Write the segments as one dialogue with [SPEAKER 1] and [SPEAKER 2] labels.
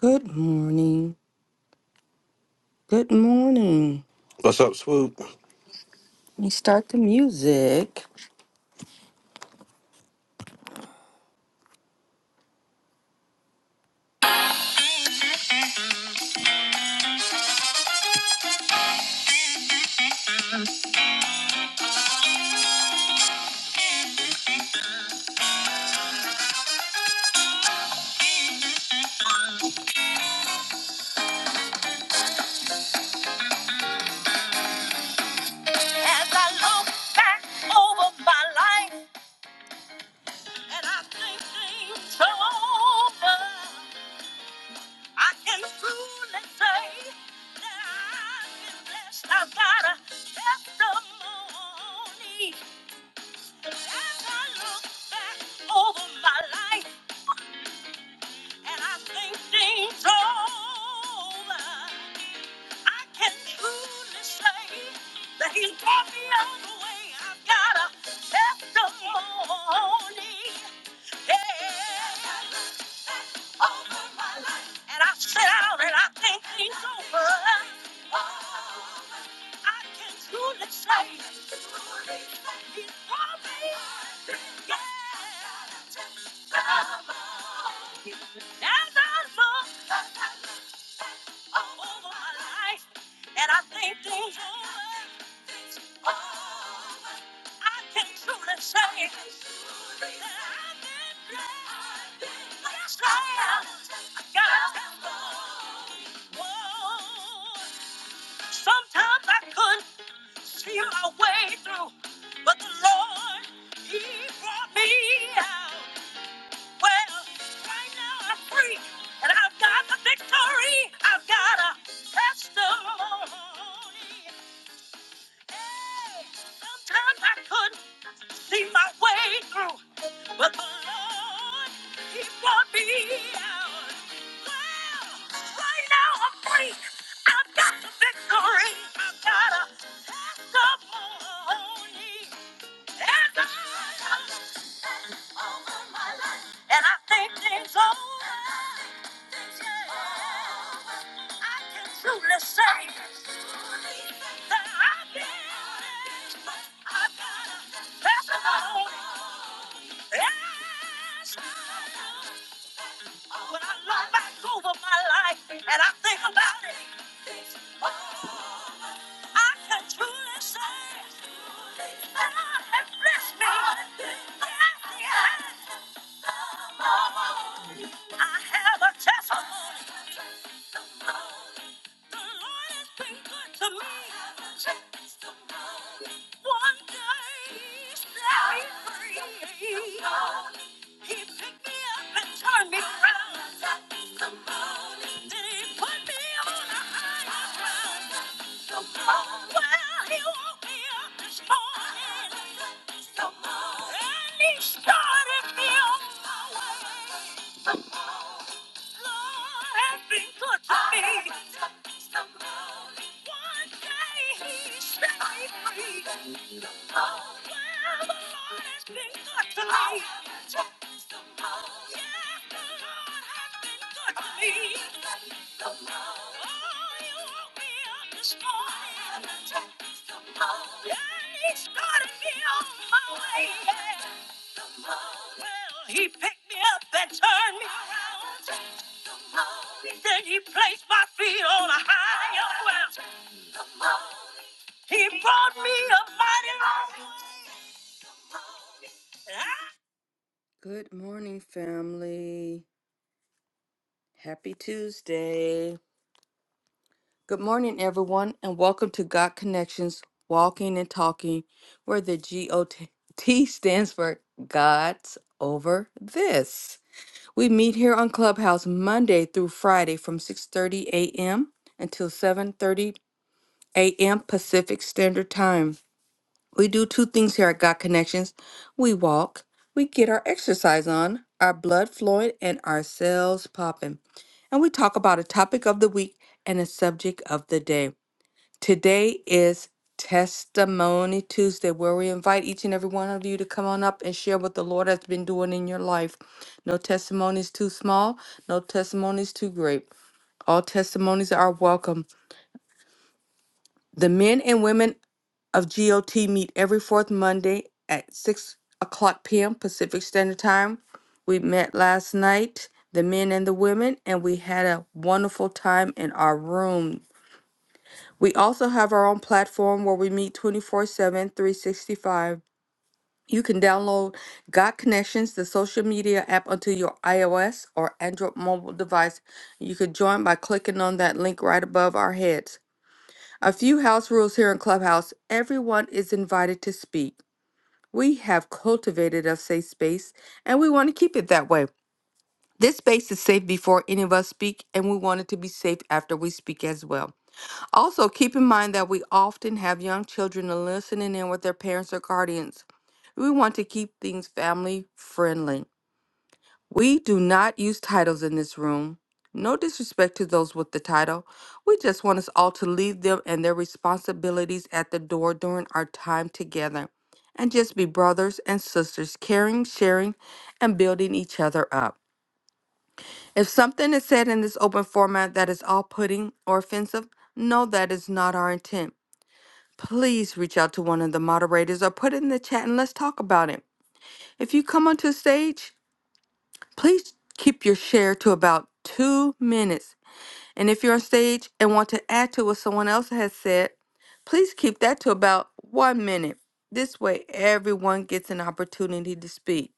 [SPEAKER 1] Good morning. Good morning.
[SPEAKER 2] What's up, Swoop?
[SPEAKER 1] Let me start the music. As I look back over my life and I think things are over, I can truly say that I've been blessed. I've got a testimony. As I look back over my life. and I think things over. I can truly say that he's brought me all the way. I've got a testimony. Yeah. Over my life. And I sit out and I think things over. Oh, I can truly say He's for me. Yeah. He has There's a look over my life, and I think things over. I can truly say that I've been blessed. Yes, I am. God has been good. Whoa. Sometimes I couldn't. See my way through, but the Lord, He brought me out. Well, right now I'm free, and I've got the victory. I've got a testimony. Hey, sometimes I couldn't see my way through. But the Lord, He brought me out. Well, right now I'm free. I've got the victory. I've got a testimony. And God has hands over my life. And I think things over. And I think things over. I can truly say I can truly say that I've been, I've got a testimony. Yes. When I look back over my life and I think about it, I can truly say God has blessed me. Yes, He has. I have a testimony. The Lord has been good to me. One day he set me free. He picked me up and turned me around. Then he put me on a higher ground. Well, he woke me up this morning. And he started me on my way. Lord has been good to me. One day he set me Oh, well, the Lord has been good to me. Yes, the Lord has been good to me. Oh, he woke me up this morning. And me on my way. Well, he picked me up and turned me around. Then he placed my feet on a higher ground. He brought me a mighty long way. Good morning, family. Happy Tuesday. Good morning, everyone, and welcome to God Connections Walking and Talking, where the G O T stands for God's Over This. We meet here on Clubhouse Monday through Friday from 6:30 a.m. until 7:30 a.m. Pacific Standard Time. We do two things here at Got Connections. We walk, we get our exercise on, our blood flowing and our cells popping. And we talk about a topic of the week and a subject of the day. Today is Testimony Tuesday, where we invite each and every one of you to come on up and share what the Lord has been doing in your life. No testimony is too small, no testimony is too great. All testimonies are welcome. The men and women of GOT meet every fourth Monday at 6 o'clock p.m. Pacific Standard Time. We met last night, the men and the women, and we had a wonderful time in our room. We also have our own platform where we meet 24 7, 365. You can download Got Connections, the social media app, onto your iOS or Android mobile device. You can join by clicking on that link right above our heads. A few house rules here in Clubhouse everyone is invited to speak. We have cultivated a safe space and we want to keep it that way. This space is safe before any of us speak, and we want it to be safe after we speak as well. Also, keep in mind that we often have young children listening in with their parents or guardians. We want to keep things family friendly. We do not use titles in this room. No disrespect to those with the title. We just want us all to leave them and their responsibilities at the door during our time together and just be brothers and sisters, caring, sharing, and building each other up. If something is said in this open format that is off putting or offensive, no, that is not our intent please reach out to one of the moderators or put it in the chat and let's talk about it. If you come onto the stage, please keep your share to about two minutes. And if you're on stage and want to add to what someone else has said, please keep that to about one minute. This way, everyone gets an opportunity to speak.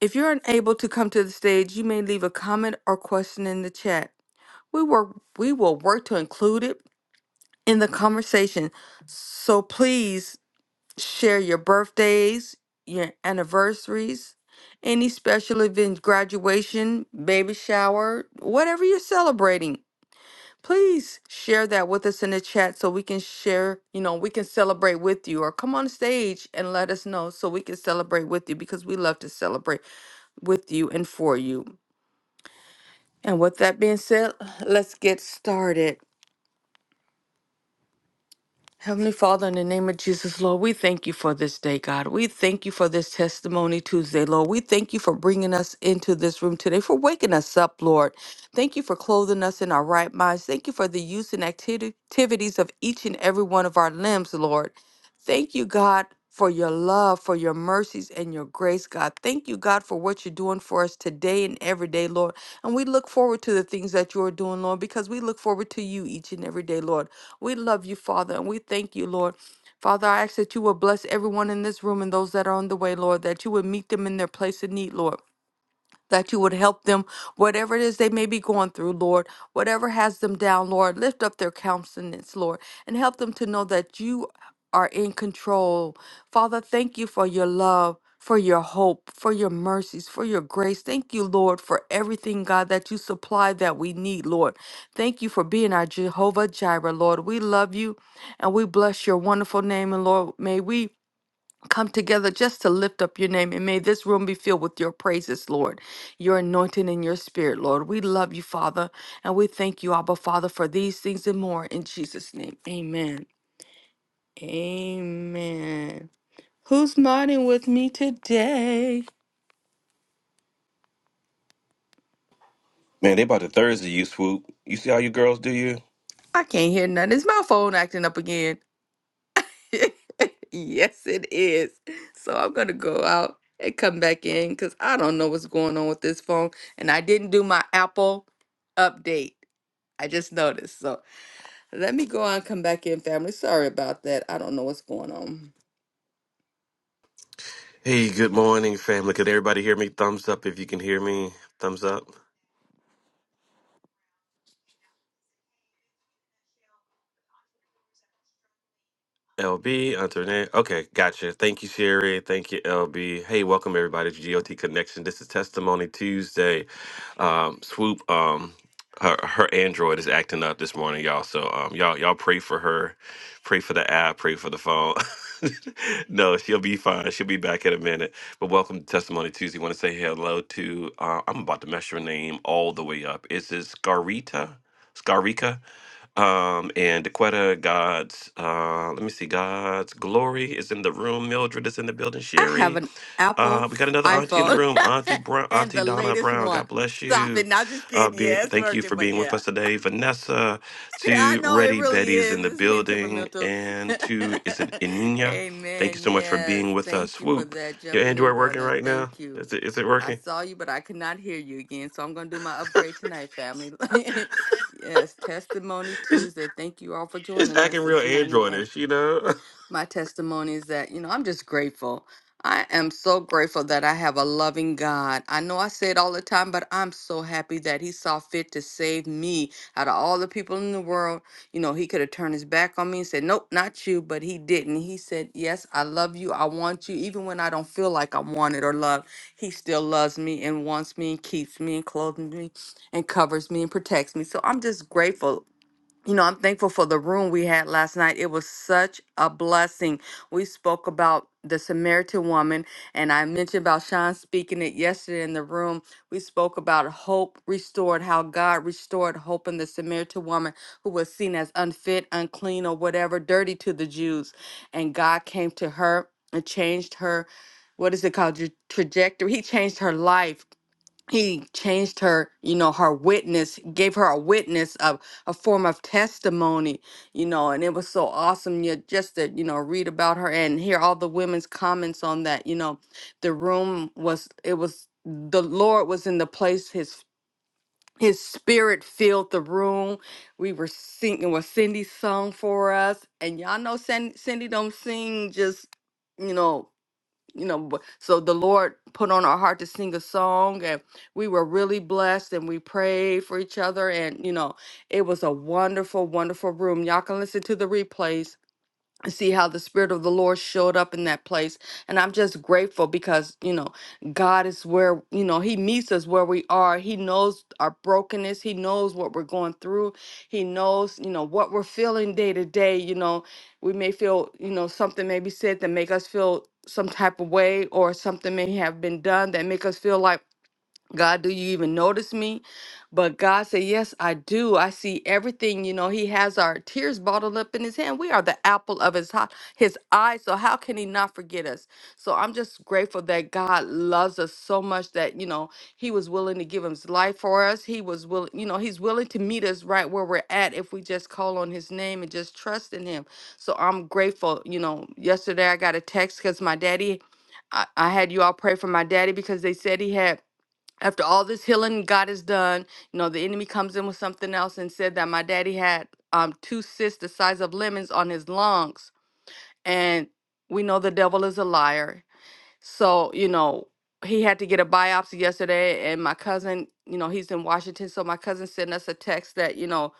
[SPEAKER 1] If you're unable to come to the stage, you may leave a comment or question in the chat. We work we will work to include it in the conversation. So please share your birthdays, your anniversaries, any special event, graduation, baby shower, whatever you're celebrating. Please share that with us in the chat so we can share, you know, we can celebrate with you or come on stage and let us know so we can celebrate with you because we love to celebrate with you and for you. And with that being said, let's get started. Heavenly Father, in the name of Jesus, Lord, we thank you for this day, God. We thank you for this Testimony Tuesday, Lord. We thank you for bringing us into this room today, for waking us up, Lord. Thank you for clothing us in our right minds. Thank you for the use and acti- activities of each and every one of our limbs, Lord. Thank you, God, for your love, for your mercies, and your grace, God. Thank you, God, for what you're doing for us today and every day, Lord. And we look forward to the things that you are doing, Lord, because we look forward to you each and every day, Lord. We love you, Father, and we thank you, Lord. Father, I ask that you will bless everyone in this room and those that are on the way, Lord, that you would meet them in their place of need, Lord that you would help them, whatever it is they may be going through, Lord, whatever has them down, Lord, lift up their countenance, Lord, and help them to know that you are in control. Father, thank you for your love. For your hope, for your mercies, for your grace. Thank you, Lord, for everything, God, that you supply that we need, Lord. Thank you for being our Jehovah Jireh, Lord. We love you and we bless your wonderful name. And Lord, may we come together just to lift up your name. And may this room be filled with your praises, Lord, your anointing and your spirit, Lord. We love you, Father, and we thank you, Abba, Father, for these things and more. In Jesus' name, amen. Amen. Who's modding with me today?
[SPEAKER 2] Man, they about to Thursday you swoop. You see how you girls do you?
[SPEAKER 1] I can't hear nothing. Is my phone acting up again? yes, it is. So I'm going to go out and come back in because I don't know what's going on with this phone. And I didn't do my Apple update. I just noticed. So Let me go on come back in, family. Sorry about that. I don't know what's going on.
[SPEAKER 2] Hey, good morning, family. Could everybody hear me? Thumbs up if you can hear me. Thumbs up. LB, Internet. Okay, gotcha. Thank you, Sherry. Thank you, LB. Hey, welcome everybody to GOT Connection. This is Testimony Tuesday. Um, Swoop, um, her her Android is acting up this morning, y'all. So um, y'all y'all pray for her, pray for the app, pray for the phone. no, she'll be fine. She'll be back in a minute. But welcome to Testimony Tuesday. Want to say hello to? Uh, I'm about to mess your name all the way up. Is it Scarita? Scarika? Um, and Dequetta, God's, uh, let me see, God's glory is in the room. Mildred is in the building.
[SPEAKER 1] I have
[SPEAKER 2] Sherry,
[SPEAKER 1] an Apple
[SPEAKER 2] uh, we got another auntie in the
[SPEAKER 1] iPhone
[SPEAKER 2] room. Auntie Brown,
[SPEAKER 1] and
[SPEAKER 2] Auntie
[SPEAKER 1] the
[SPEAKER 2] Donna
[SPEAKER 1] latest
[SPEAKER 2] Brown.
[SPEAKER 1] one.
[SPEAKER 2] God bless
[SPEAKER 1] Stop
[SPEAKER 2] you.
[SPEAKER 1] it. Not just
[SPEAKER 2] Uh,
[SPEAKER 1] kidding.
[SPEAKER 2] being,
[SPEAKER 1] Yeah, it's
[SPEAKER 2] thank you
[SPEAKER 1] working,
[SPEAKER 2] for
[SPEAKER 1] but
[SPEAKER 2] being with
[SPEAKER 1] yeah.
[SPEAKER 2] us today. Vanessa,
[SPEAKER 1] I
[SPEAKER 2] to
[SPEAKER 1] know it
[SPEAKER 2] Ready
[SPEAKER 1] really
[SPEAKER 2] Betty is in
[SPEAKER 1] is.
[SPEAKER 2] the
[SPEAKER 1] It's been
[SPEAKER 2] building,
[SPEAKER 1] temperamental.
[SPEAKER 2] and to is it Inina? Thank you
[SPEAKER 1] Amen.
[SPEAKER 2] so much for
[SPEAKER 1] Yes.
[SPEAKER 2] being with us.
[SPEAKER 1] Thank you for
[SPEAKER 2] Swoop,
[SPEAKER 1] that.
[SPEAKER 2] your
[SPEAKER 1] Jumping in,
[SPEAKER 2] Android working
[SPEAKER 1] brother. and
[SPEAKER 2] right now?
[SPEAKER 1] Thank you.
[SPEAKER 2] Is it is it
[SPEAKER 1] I
[SPEAKER 2] working?
[SPEAKER 1] saw you, but I could not hear you again. So I'm going to do my upgrade tonight, family. yes. Testimony Tuesday. Thank you all for
[SPEAKER 2] It's
[SPEAKER 1] joining us
[SPEAKER 2] acting real
[SPEAKER 1] this morning.
[SPEAKER 2] Androidish, you know.
[SPEAKER 1] my testimony is that, you know, I'm just grateful. I am so grateful that I have a loving God. I know I say it all the time, but I'm so happy that He saw fit to save me out of all the people in the world. You know, He could have turned His back on me and said, Nope, not you, but He didn't. He said, Yes, I love you. I want you. Even when I don't feel like I'm wanted or loved, He still loves me and wants me and keeps me and clothes me and covers me and protects me. So I'm just grateful you know, I'm thankful for the room we had last night. It was such a blessing. We spoke about the Samaritan woman, and I mentioned about Sean speaking it yesterday in the room. We spoke about hope restored, how God restored hope in the Samaritan woman who was seen as unfit, unclean, or whatever, dirty to the Jews. And God came to her and changed her, what is it called, tra- trajectory? He changed her life he changed her, you know, her witness, gave her a witness of a form of testimony, you know, and it was so awesome. You just to, you know, read about her and hear all the women's comments on that. You know, the room was it was the Lord was in the place. His His spirit filled the room. We were singing what Cindy sung for us, and y'all know Cindy, Cindy don't sing just, you know you know but- so the lord put on our heart to sing a song and we were really blessed and we prayed for each other and you know it was a wonderful wonderful room y'all can listen to the replays and see how the spirit of the lord showed up in that place and i'm just grateful because you know god is where you know he meets us where we are he knows our brokenness he knows what we're going through he knows you know what we're feeling day to day you know we may feel you know something may be said that make us feel some type of way or something may have been done that make us feel like God, do you even notice me? But God said, Yes, I do. I see everything. You know, He has our tears bottled up in His hand. We are the apple of His, hi- his eye. So, how can He not forget us? So, I'm just grateful that God loves us so much that, you know, He was willing to give His life for us. He was willing, you know, He's willing to meet us right where we're at if we just call on His name and just trust in Him. So, I'm grateful. You know, yesterday I got a text because my daddy, I, I had you all pray for my daddy because they said he had after all this healing God has done, you know, the enemy comes in with something else and said that my daddy had um two cysts the size of lemons on his lungs. And we know the devil is a liar. So, you know, he had to get a biopsy yesterday and my cousin, you know, he's in Washington, so my cousin sent us a text that, you know,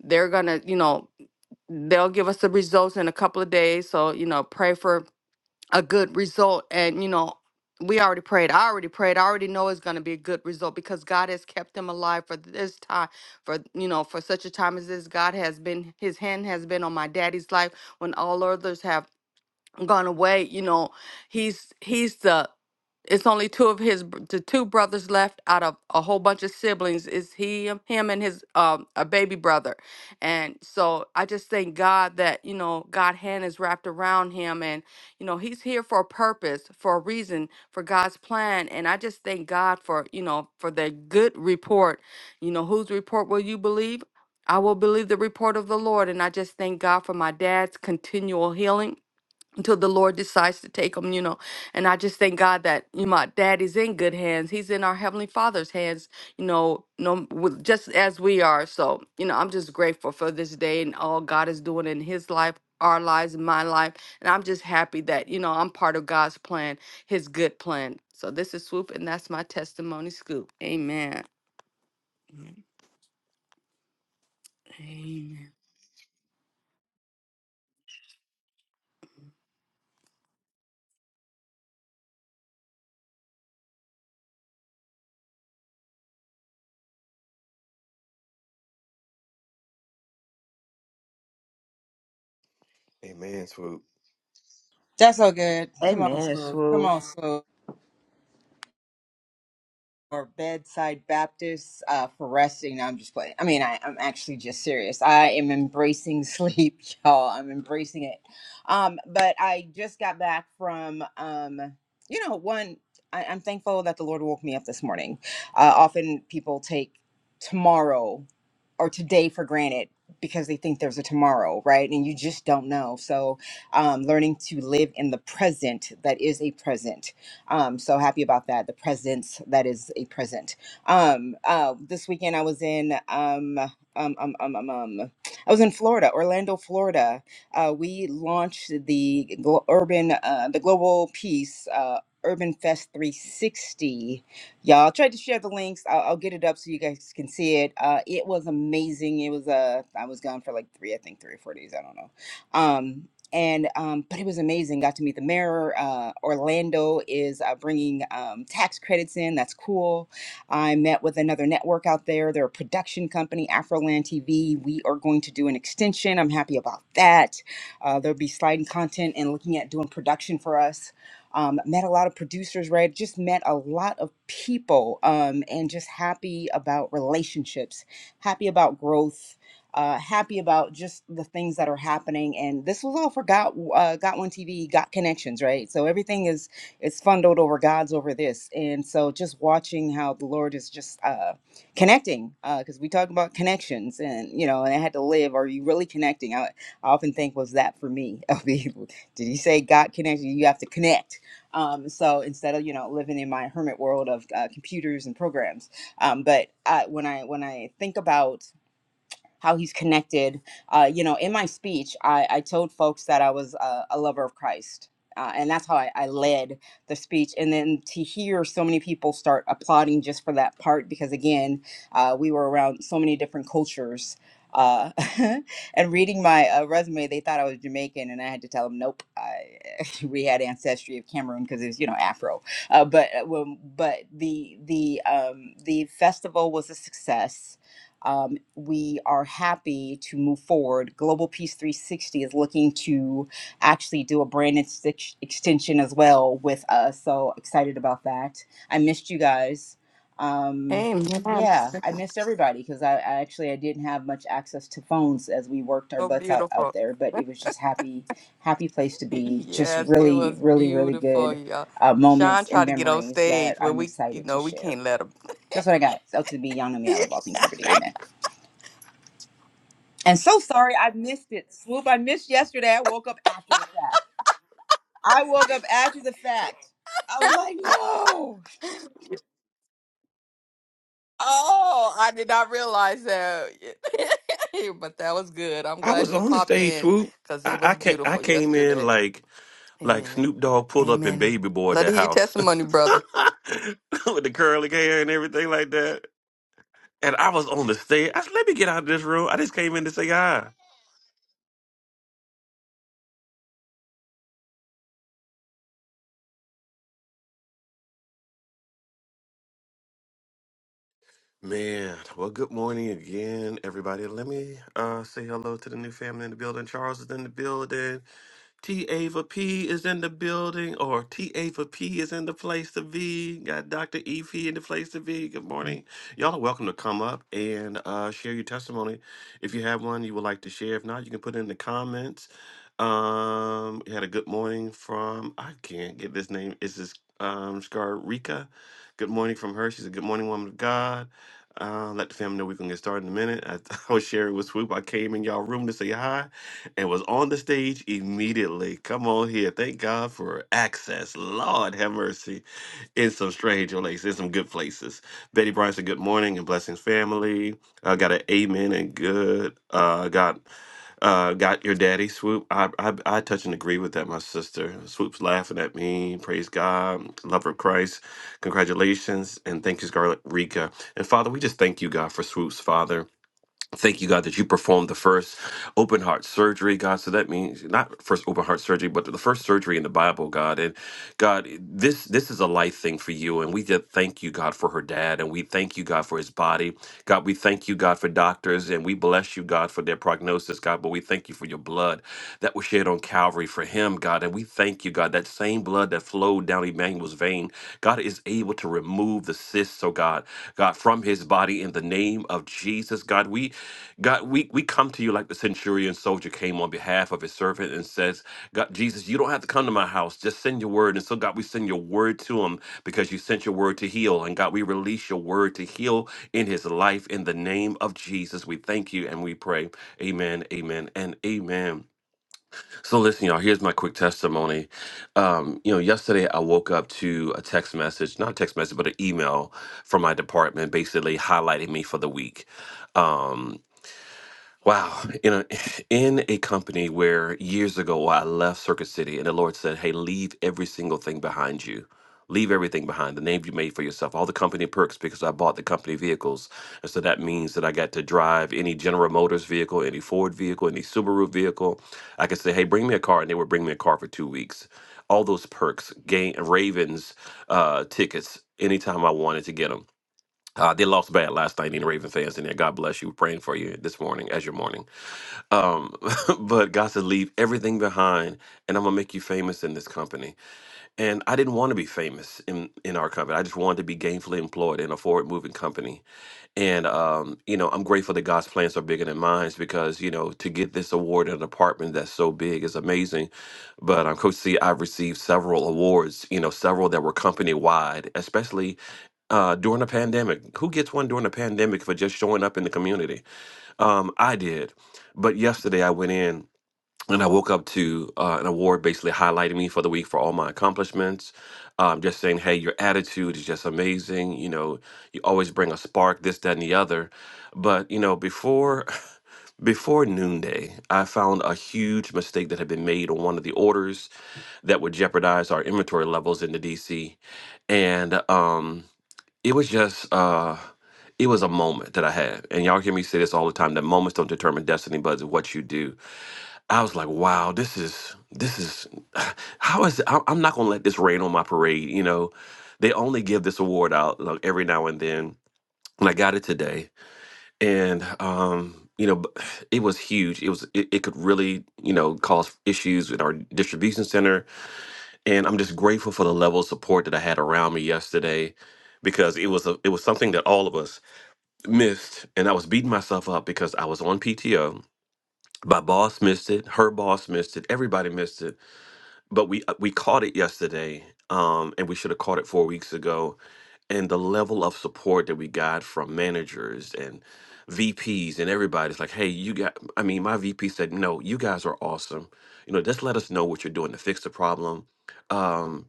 [SPEAKER 1] they're going to, you know, they'll give us the results in a couple of days. So, you know, pray for a good result. And, you know, we already prayed. I already prayed. I already know it's going to be a good result because God has kept them alive for this time, for, you know, for such a time as this. God has been, his hand has been on my daddy's life when all others have gone away you know he's he's the it's only two of his br- the two brothers left out of a whole bunch of siblings is he him and his um a baby brother and so i just thank god that you know god hand is wrapped around him and you know he's here for a purpose for a reason for god's plan and i just thank god for you know for the good report you know whose report will you believe I will believe the report of the Lord, and I just thank God for my dad's continual healing until the Lord decides to take them, you know. And I just thank God that you know, my dad is in good hands. He's in our heavenly Father's hands, you know, no, with, just as we are. So you know, I'm just grateful for this day and all God is doing in His life, our lives, and my life. And I'm just happy that you know I'm part of God's plan, His good plan. So this is swoop, and that's my testimony scoop. Amen. Amen.
[SPEAKER 2] Amen, Swoop.
[SPEAKER 3] That's all good. Come on,
[SPEAKER 4] Amen,
[SPEAKER 3] Swoop. Come
[SPEAKER 4] Swoop.
[SPEAKER 3] on, Swoop. Or bedside Baptist uh, for resting. No, I'm just playing. I mean, I, I'm actually just serious. I am embracing sleep, y'all. I'm embracing it. Um, but I just got back from, um, you know, one. I, I'm thankful that the Lord woke me up this morning. Uh, often people take tomorrow or today for granted because they think there's a tomorrow, right? And you just don't know. So, um, learning to live in the present that is a present um, so happy about that. The presence that is a present. Um, uh, this weekend I was in um, um, um, um, um, um, I was in Florida, Orlando, Florida. Uh, we launched the glo- urban, uh, the global peace. Uh, Urban Fest 360. Y'all, I tried to share the links. I'll, I'll get it up so you guys can see it. Uh, it was amazing. It was uh, I was gone for like three, I think three or four days. I don't know. Um, and um, but it was amazing. Got to meet the mayor. Uh, Orlando is uh, bringing um, tax credits in. That's cool. I met with another network out there. They're a production company, Afroland TV. We are going to do an extension. I'm happy about that. Uh, there'll be sliding content and looking at doing production for us. Um, met a lot of producers, right? Just met a lot of people, um, and just happy about relationships, happy about growth uh, happy about just the things that are happening. And this was all for Got uh, Got One TV, Got Connections, right? So everything is is funded over God's over this, and so just watching how the Lord is just uh, connecting, because we talk about connections, and you know, and I had to live. Are you really connecting? I, I often think, was that for me? Did he say God connected? You have to connect. Um, so instead of you know living in my hermit world of uh, computers and programs, um, but uh, when I when I think about how he's connected. Uh, you know, in my speech, I, I told folks that I was a, a lover of Christ. Uh, and that's how I, I led the speech. And then to hear so many people start applauding just for that part, because again, uh, we were around so many different cultures. Uh, and reading my uh, resume, they thought I was Jamaican, and I had to tell them, nope, I, we had ancestry of Cameroon because it was, you know, Afro. Uh, but uh, when- but the the um, the festival was a success um, we are happy to move forward. Global Peace 360 is looking to actually do a brand extich- extension as well with us. So excited about that. I missed you guys. Um,
[SPEAKER 1] Amen.
[SPEAKER 3] yeah, I missed everybody because I, I actually I didn't have much access to phones as we worked our
[SPEAKER 1] So
[SPEAKER 3] butts out
[SPEAKER 1] beautiful.
[SPEAKER 3] out there, but it was just happy, happy place to be. Just
[SPEAKER 1] Yes, it
[SPEAKER 3] really,
[SPEAKER 1] was
[SPEAKER 3] really, really
[SPEAKER 1] beautiful,
[SPEAKER 3] good
[SPEAKER 1] y'all.
[SPEAKER 3] uh,
[SPEAKER 1] Sean
[SPEAKER 3] moments and
[SPEAKER 1] tried to get on
[SPEAKER 3] memories
[SPEAKER 1] stage,
[SPEAKER 3] that
[SPEAKER 1] but
[SPEAKER 3] I'm
[SPEAKER 1] we, you
[SPEAKER 3] excited to
[SPEAKER 1] know, we
[SPEAKER 3] share.
[SPEAKER 1] can't let him.
[SPEAKER 3] That's what I got. It's L to the B, y'all know me. I love all things liberty. Amen. And so sorry I missed it. Swoop, I missed yesterday. I woke up after the fact. I woke up after the fact. I was like, no.
[SPEAKER 1] Oh, I did not realize that. But that was good. I'm
[SPEAKER 2] I was
[SPEAKER 1] glad you
[SPEAKER 2] on the
[SPEAKER 1] popped
[SPEAKER 2] stage,
[SPEAKER 1] in
[SPEAKER 2] swoop.
[SPEAKER 1] because it
[SPEAKER 2] I,
[SPEAKER 1] was
[SPEAKER 2] I came, I
[SPEAKER 1] beautiful
[SPEAKER 2] came in
[SPEAKER 1] yesterday.
[SPEAKER 2] like like
[SPEAKER 1] Amen.
[SPEAKER 2] Snoop Dogg pulled up in
[SPEAKER 1] Amen.
[SPEAKER 2] baby boy at
[SPEAKER 1] Let
[SPEAKER 2] that
[SPEAKER 1] it hear your
[SPEAKER 2] house
[SPEAKER 1] testimony, brother.
[SPEAKER 2] with the curly hair and everything like that. And I was on the stage. I said, "Let me get out of this room." I just came in to say hi. Man, well, good morning again, everybody. Let me uh, say hello to the new family in the building. Charles is in the building. T Ava P is in the building, or T Ava P is in the place to be. Got Dr. E P in the place to be. Good morning. Y'all are welcome to come up and uh, share your testimony. If you have one you would like to share, if not, you can put it in the comments. Um, we had a good morning from, I can't get this name, it's this um, Scarrica. Good morning from her. She's a good morning woman of God. Uh, let the family know we're gonna get started in a minute. I, I was sharing with Swoop. I came in y'all room to say hi and was on the stage immediately. Come on here. Thank God for access. Lord have mercy. In some strange places, in some good places. Betty Bryan said, Good morning and blessings, family. I got an amen and good. Uh, got. Uh, got your daddy swoop. I, I I touch and agree with that. My sister swoop's laughing at me. Praise God, love of Christ. Congratulations and thank you, Scarlet Rika. And Father, we just thank you, God, for swoops, Father. Thank you, God, that you performed the first open heart surgery, God. So that means not first open heart surgery, but the first surgery in the Bible, God. And God, this this is a life thing for you. And we just thank you, God, for her dad. And we thank you, God, for his body. God, we thank you, God, for doctors. And we bless you, God, for their prognosis, God. But we thank you for your blood that was shed on Calvary for him, God. And we thank you, God, that same blood that flowed down Emmanuel name was vain. God is able to remove the cysts, oh God, God, from his body in the name of Jesus. God, we God, we we come to you like the centurion soldier came on behalf of his servant and says, God, Jesus, you don't have to come to my house. Just send your word. And so, God, we send your word to him because you sent your word to heal. And God, we release your word to heal in his life in the name of Jesus. We thank you and we pray. Amen, amen, and amen. So listen, y'all. Here's my quick testimony. Um, you know, yesterday I woke up to a text message, not a text message, but an email from my department, basically highlighting me for the week. Um, Wow. In a in a company where years ago I left Circuit City and the Lord said, Hey, leave every single thing behind you. Leave everything behind, the name you made for yourself, all the company perks because I bought the company vehicles. And so that means that I got to drive any General Motors vehicle, any Ford vehicle, any Subaru vehicle. I could say, hey, bring me a car, and they would bring me a car for two weeks. All those perks, game, Ravens uh, tickets, anytime I wanted to get them. Uh, they lost bad last night, any Raven fans in there. God bless you. We're praying for you this morning as your morning. Um, but God said, leave everything behind, and I'm gonna make you famous in this company. And I didn't want to be famous in in our company. I just wanted to be gainfully employed in a forward moving company. And um, you know, I'm grateful that God's plans are bigger than mine because you know to get this award in a department that's so big is amazing. But um, Coach C, I've received several awards. You know, several that were company wide, especially uh, during the pandemic. Who gets one during the pandemic for just showing up in the community? Um, I did. But yesterday I went in and I woke up to uh, an award basically highlighting me for the week for all my accomplishments. Um, just saying, hey, your attitude is just amazing. You know, you always bring a spark, this, that, and the other. But you know, before before noonday, I found a huge mistake that had been made on one of the orders that would jeopardize our inventory levels in the DC, and um, it was just. Uh, it was a moment that I had, and y'all hear me say this all the time: that moments don't determine destiny, but it's what you do. I was like, wow, this is this is how is I, I'm not gonna let this rain on my parade. You know, they only give this award out like every now and then, and I got it today, and um, you know, b- it was huge. It was it, it could really you know cause issues with our distribution center, and I'm just grateful for the level of support that I had around me yesterday. Because it was a, it was something that all of us missed, and I was beating myself up because I was on PTO. My boss missed it, her boss missed it, everybody missed it but we uh, we caught it yesterday um and we should have caught it four weeks ago and the level of support that we got from managers and vps and everybody's like hey you got i mean my vp said no you guys are awesome you know just let us know what you're doing to fix the problem um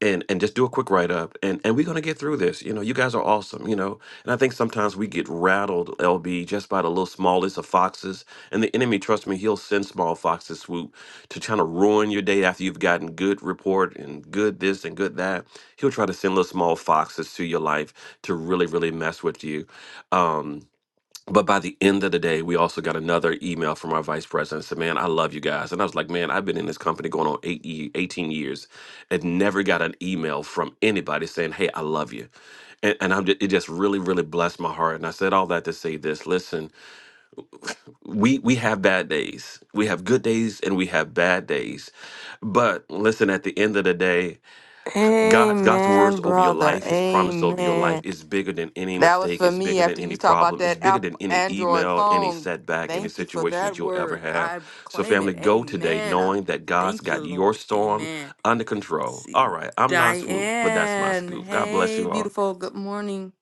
[SPEAKER 2] and and just do a quick write up and and we're going to get through this you know you guys are awesome you know and i think sometimes we get rattled lb just by the little smallest of foxes and the enemy trust me he'll send small foxes swoop to try to ruin your day after you've gotten good report and good this and good that he'll try to send little small foxes to your life to really really mess with you um but by the end of the day, we also got another email from our vice president. Said, "Man, I love you guys." And I was like, "Man, I've been in this company going on eight, ye- 18 years, and never got an email from anybody saying, 'Hey, I love you." And, and I'm just, it just really, really blessed my heart. And I said all that to say this: Listen, we we have bad days, we have good days, and we have bad days. But listen, at the end of the day. God's God's words
[SPEAKER 1] Amen,
[SPEAKER 2] over your
[SPEAKER 1] brother.
[SPEAKER 2] life, His promise over your life
[SPEAKER 1] Amen.
[SPEAKER 2] is bigger than any
[SPEAKER 1] That was
[SPEAKER 2] mistake.
[SPEAKER 1] for
[SPEAKER 2] It's
[SPEAKER 1] me
[SPEAKER 2] bigger than
[SPEAKER 1] after you
[SPEAKER 2] any
[SPEAKER 1] talk about
[SPEAKER 2] problem. It's
[SPEAKER 1] that
[SPEAKER 2] bigger
[SPEAKER 1] app
[SPEAKER 2] than any
[SPEAKER 1] Android
[SPEAKER 2] email, any
[SPEAKER 1] phone.
[SPEAKER 2] setback, any
[SPEAKER 1] Thank you for
[SPEAKER 2] situation
[SPEAKER 1] that
[SPEAKER 2] that you'll ever
[SPEAKER 1] word.
[SPEAKER 2] have.
[SPEAKER 1] I
[SPEAKER 2] So,
[SPEAKER 1] claim
[SPEAKER 2] family,
[SPEAKER 1] it.
[SPEAKER 2] go today
[SPEAKER 1] Amen. I
[SPEAKER 2] knowing that God's
[SPEAKER 1] thank you,
[SPEAKER 2] got your
[SPEAKER 1] Lord.
[SPEAKER 2] storm
[SPEAKER 1] Amen.
[SPEAKER 2] under
[SPEAKER 1] Let's
[SPEAKER 2] control.
[SPEAKER 1] see
[SPEAKER 2] All right, I'm not swoop, but that's my
[SPEAKER 1] Diane.
[SPEAKER 2] scoop. God bless
[SPEAKER 1] Hey,
[SPEAKER 2] you all.
[SPEAKER 1] beautiful. Good morning.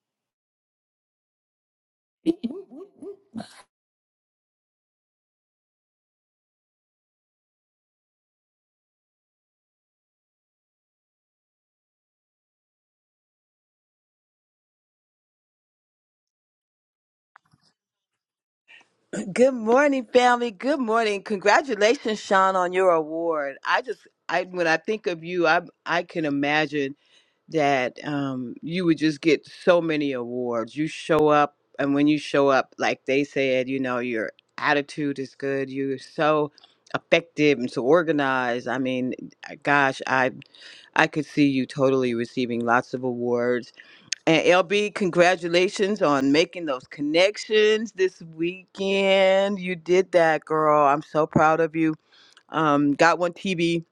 [SPEAKER 4] Good morning, family. Good morning. Congratulations, Sean, on your award. I just, I when I think of you, I I can imagine that um, you would just get so many awards. You show up, and when you show up, like they said, you know, your attitude is good. You're so effective and so organized. I mean, gosh, I I could see you totally receiving lots of awards And LB, congratulations on making those connections this weekend. You did that, girl. I'm so proud of you. Um, Got One TV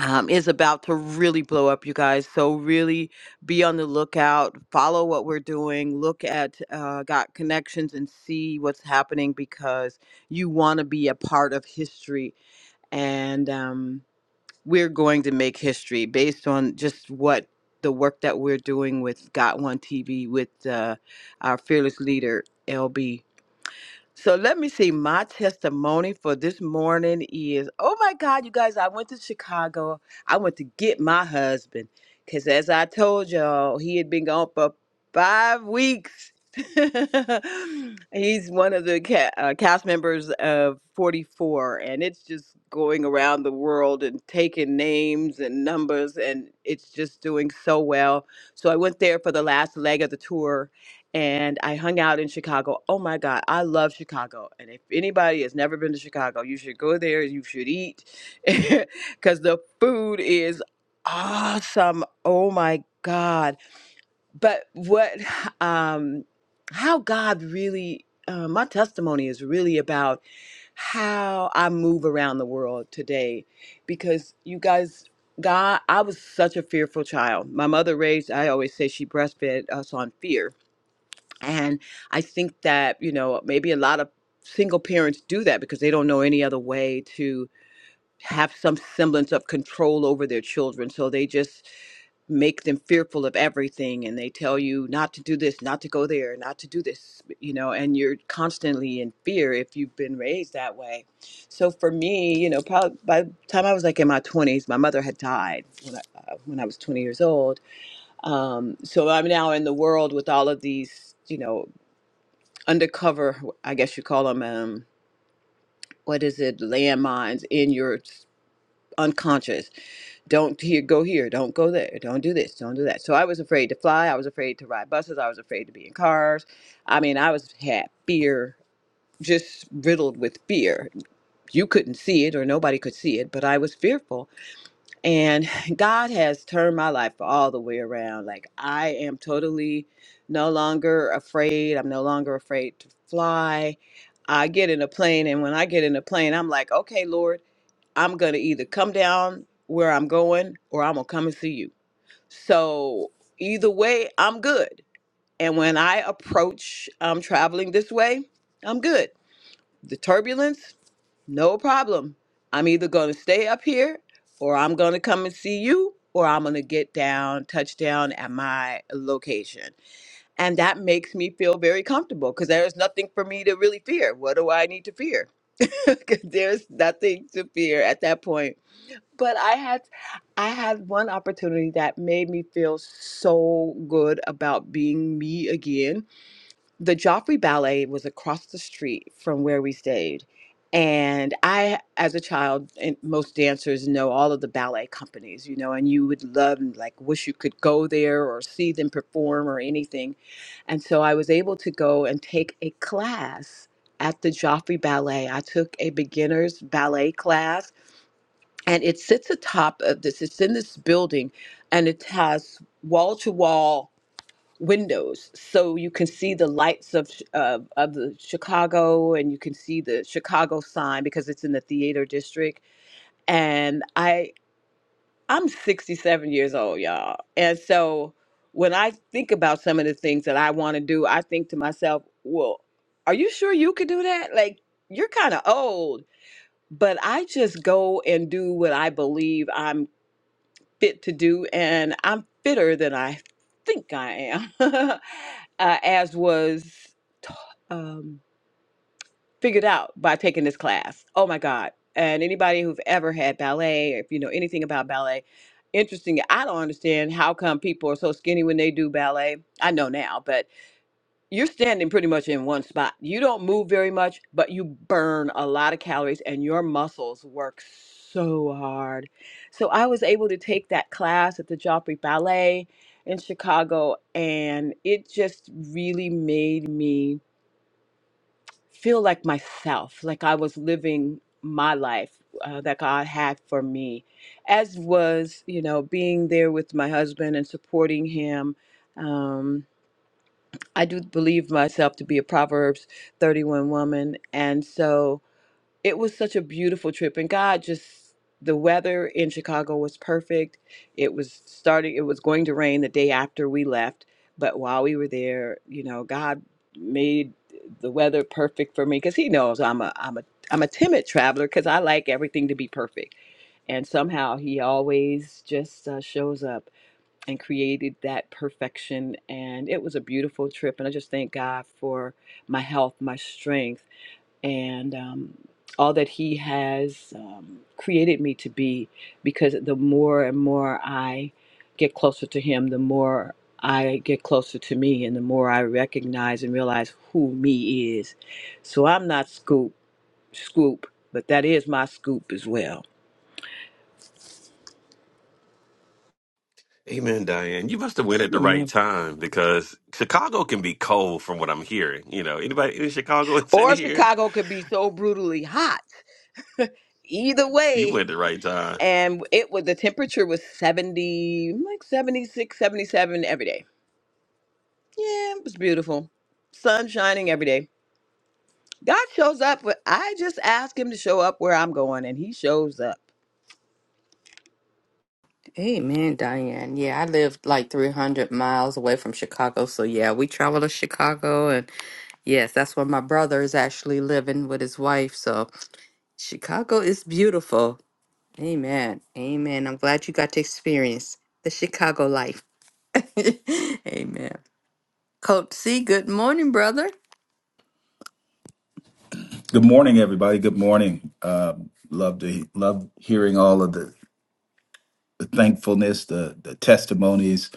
[SPEAKER 4] um, is about to really blow up, you guys. So really be on the lookout. Follow what we're doing. Look at uh, Got Connections and see what's happening because you want to be a part of history. And um, we're going to make history based on just what the work that we're doing with Got One TV with uh, our fearless leader LB so let me see. My testimony for this morning is oh my God, you guys, I went to Chicago. I went to get my husband because, as I told y'all, he had been gone for five weeks. He's one of the ca- uh, cast members of 44, and it's just going around the world and taking names and numbers, and it's just doing so well. So I went there for the last leg of the tour and I hung out in Chicago. Oh my God, I love Chicago. And if anybody has never been to Chicago, you should go there. You should eat because the food is awesome. Oh my God. But what, um, how God really, uh, my testimony is really about how I move around the world today because you guys. God, I was such a fearful child. My mother raised, I always say she breastfed us on fear and I think that, you know, maybe a lot of single parents do that because they don't know any other way to have some semblance of control over their children. So they just make them fearful of everything and they tell you not to do this, not to go there, not to do this, you know, and you're constantly in fear if you've been raised that way. So for me, you know, probably by the time I was like in my 20s, my mother had died when I, uh, when I was 20 years old. Um, so I'm now in the world with all of these, you know, undercover, I guess you call them, um, what is it, landmines in your s- unconscious. Don't here, go here, don't go there, don't do this, don't do that. So I was afraid to fly. I was afraid to ride buses. I was afraid to be in cars. I mean, I was had fear, just riddled with fear. You couldn't see it, or nobody could see it, but I was fearful And God has turned my life all the way around. Like, I am totally no longer afraid. I'm no longer afraid to fly. I get in a plane, and when I get in a plane, I'm like, okay, Lord, I'm going to either come down where I'm going or I'm going to come and see you. So, either way, I'm good. And when I approach um, traveling this way, I'm good. The turbulence, no problem. I'm either going to stay up here or I'm going to come and see you or I'm going to get down, touch down at my location. And that makes me feel very comfortable because there is nothing for me to really fear. What do I need to fear? 'Cause there's nothing to fear at that point. But I had I had one opportunity that made me feel so good about being me again the Joffrey Ballet was across the street from where we stayed. And I, as a child, and most dancers know all of the ballet companies, you know, and you would love and like wish you could go there or see them perform or anything. And so I was able to go and take a class at the Joffrey Ballet. I took a beginner's ballet class, and it sits atop of this, it's in this building, and it has wall to wall windows so you can see the lights of Ch- of of the Chicago and you can see the Chicago sign because it's in the theater district and I I'm 67 years old y'all and so when I think about some of the things that I want to do I think to myself well are you sure you could do that like you're kind of old but I just go and do what I believe I'm fit to do, and I'm fitter than I think I am, uh, as was t- um, figured out by taking this class. Oh my God. And anybody who've ever had ballet, if you know anything about ballet, interesting. I don't understand how come people are so skinny when they do ballet. I know now, but you're standing pretty much in one spot. You don't move very much, but you burn a lot of calories and your muscles work so hard. So I was able to take that class at the Joffrey Ballet in Chicago and it just really made me feel like myself, like I was living my life uh, that God had for me, as was, you know, being there with my husband and supporting him. Um, I do believe myself to be a Proverbs 31 woman. And so it was such a beautiful trip. And God just, the weather in Chicago was perfect. It was starting, it was going to rain the day after we left. But while we were there, you know, God made the weather perfect for me because He knows I'm a, I'm a, I'm a timid traveler because I like everything to be perfect. And somehow He always just uh, shows up and created that perfection. And it was a beautiful trip. And I just thank God for my health, my strength, and um, all that He has um, created me to be. Because the more and more I get closer to Him, the more I get closer to me, and the more I recognize and realize who me is. So I'm not Scoop, Scoop, but that is my scoop as well.
[SPEAKER 2] Amen, Diane. You must have went at the right
[SPEAKER 1] Amen.
[SPEAKER 2] time because Chicago can be cold, from what I'm hearing. You know, anybody in Chicago that's in
[SPEAKER 4] Or
[SPEAKER 2] here,
[SPEAKER 4] Chicago could be so brutally hot. Either
[SPEAKER 2] you went
[SPEAKER 4] way.
[SPEAKER 2] at the right time.
[SPEAKER 4] and it was the temperature was 70 like seventy six, seventy every day yeah it was beautiful sun shining every day god shows up but i just ask him to show up where i'm going and he shows up
[SPEAKER 1] Amen, Diane. Yeah, I live like 300 miles away from Chicago. So, yeah, we travel to Chicago. And yes, that's where my brother is actually living with his wife. So, Chicago is beautiful. Amen. Amen. I'm glad you got to experience the Chicago life. Amen. Coach C, good morning, brother.
[SPEAKER 5] Good morning, everybody. Good morning. Um, love to love hearing all of the, the thankfulness, the the testimonies.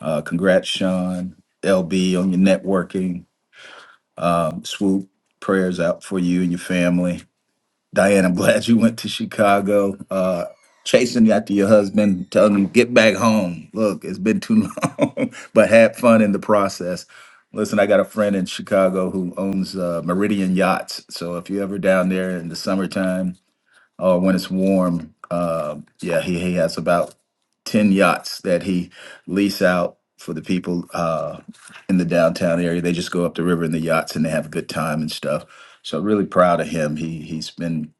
[SPEAKER 5] Uh, congrats, Sean LB, on your networking. Um, swoop prayers out for you and your family. Diane, I'm glad you went to Chicago. Uh, chasing after your husband, telling him get back home. Look, it's been too long, but had fun in the process. Listen, I got a friend in Chicago who owns uh, Meridian Yachts. So if you're ever down there in the summertime uh, when it's warm. Uh, yeah, he, he has about 10 yachts that he lease out for the people uh, in the downtown area. They just go up the river in the yachts and they have a good time and stuff. So really proud of him. He he's been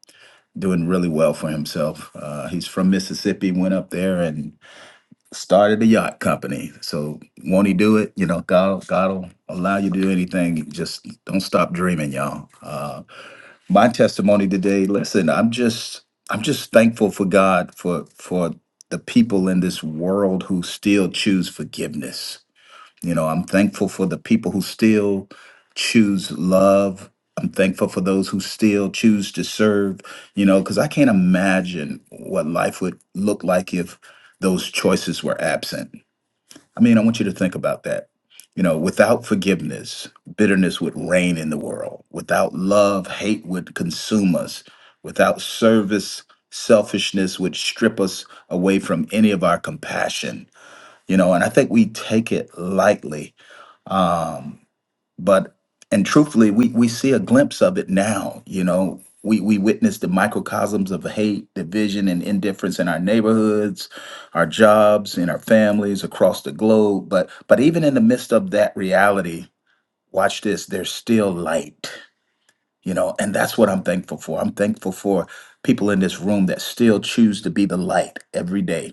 [SPEAKER 5] doing really well for himself. Uh, he's from Mississippi, went up there and started a yacht company. So won't he do it? You know, God God will allow you to do anything. Just don't stop dreaming, y'all. Uh, my testimony today listen i'm just i'm just thankful for god for for the people in this world who still choose forgiveness you know i'm thankful for the people who still choose love i'm thankful for those who still choose to serve you know because i can't imagine what life would look like if those choices were absent I mean, I want you to think about that. You know, without forgiveness, bitterness would reign in the world. Without love, hate would consume us. Without service, selfishness would strip us away from any of our compassion. You know, and I think we take it lightly. Um, but and truthfully we we see a glimpse of it now you know we we witness the microcosms of hate division and indifference in our neighborhoods our jobs in our families across the globe but but even in the midst of that reality watch this there's still light you know and that's what i'm thankful for i'm thankful for people in this room that still choose to be the light every day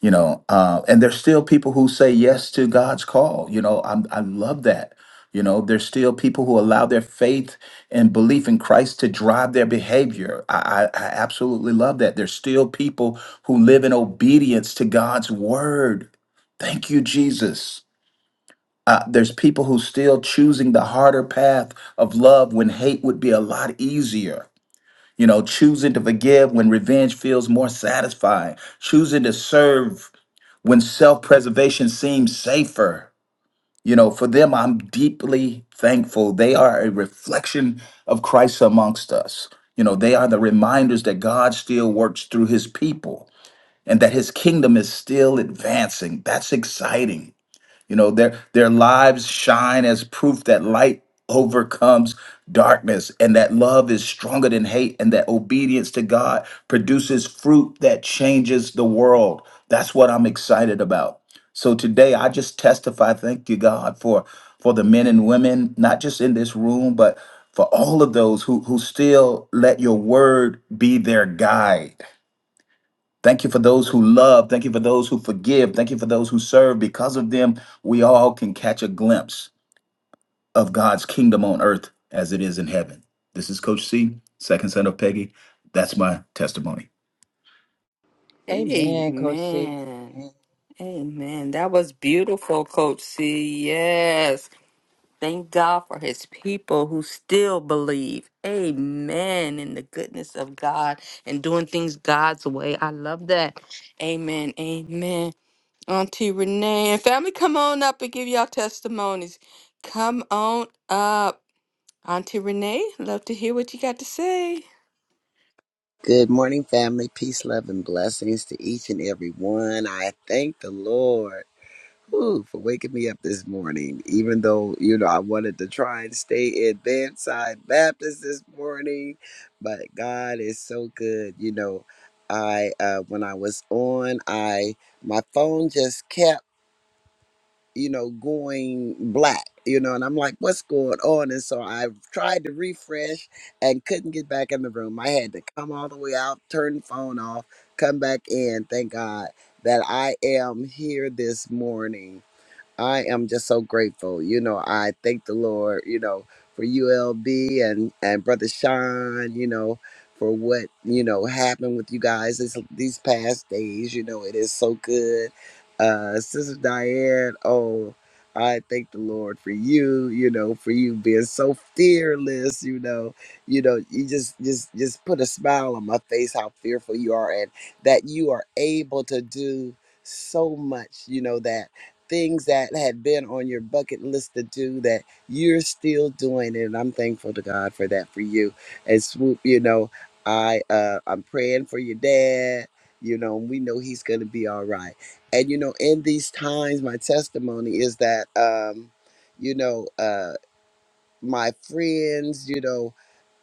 [SPEAKER 5] you know uh, and there's still people who say yes to god's call you know I'm, i love that you know there's still people who allow their faith and belief in christ to drive their behavior I, I, I absolutely love that there's still people who live in obedience to god's word thank you jesus uh, there's people who still choosing the harder path of love when hate would be a lot easier you know, choosing to forgive when revenge feels more satisfying, choosing to serve when self preservation seems safer. You know, for them, I'm deeply thankful. They are a reflection of Christ amongst us. You know, they are the reminders that God still works through his people and that his kingdom is still advancing. That's exciting you know, their their lives shine as proof that light overcomes darkness and that love is stronger than hate and that obedience to God produces fruit that changes the world. That's what I'm excited about. So today I just testify thank you God for for the men and women not just in this room but for all of those who who still let your word be their guide Thank you for those who love. Thank you for those who forgive. Thank you for those who serve. Because of them, we all can catch a glimpse of God's kingdom on earth as it is in heaven. This is Coach C, second son of Peggy. That's my testimony.
[SPEAKER 4] Amen, Coach C.
[SPEAKER 1] Amen.
[SPEAKER 4] Amen.
[SPEAKER 1] Amen. That was beautiful, Coach C. Yes. Thank God for his people who still believe. Amen. In the goodness of God and doing things God's way. I love that. Amen. Amen. Auntie Renee and family, come on up and give y'all testimonies. Come on up. Auntie Renee, love to hear what you got to say.
[SPEAKER 6] Good morning, family. Peace, love, and blessings to each and every one. I thank the Lord whew, for waking me up this morning, even though, you know, I wanted to try and stay in Bedside Baptist this morning. But God is so good. You know, I, uh, when I was on, I, my phone just kept you know, going black, you know, and I'm like, what's going on? And so I tried to refresh and couldn't get back in the room. I had to come all the way out, turn the phone off, come back in. Thank God that I am here this morning I am just so grateful. You know, I thank the Lord, you know, for ULB and and brother Sean, you know, for what, you know, happened with you guys this, these past days, you know, it is so good. Uh Sister Diane, oh, I thank the Lord for you, you know, for you being so fearless, you know. You know, you just just just put a smile on my face how fearful you are and that you are able to do so much, you know, that things that had been on your bucket list to do that you're still doing And I'm thankful to God for that for you. And swoop, you know, I uh I'm praying for your dad. You know, we know he's gonna be all right. And you know, in these times, my testimony is that um, you know, uh my friends, you know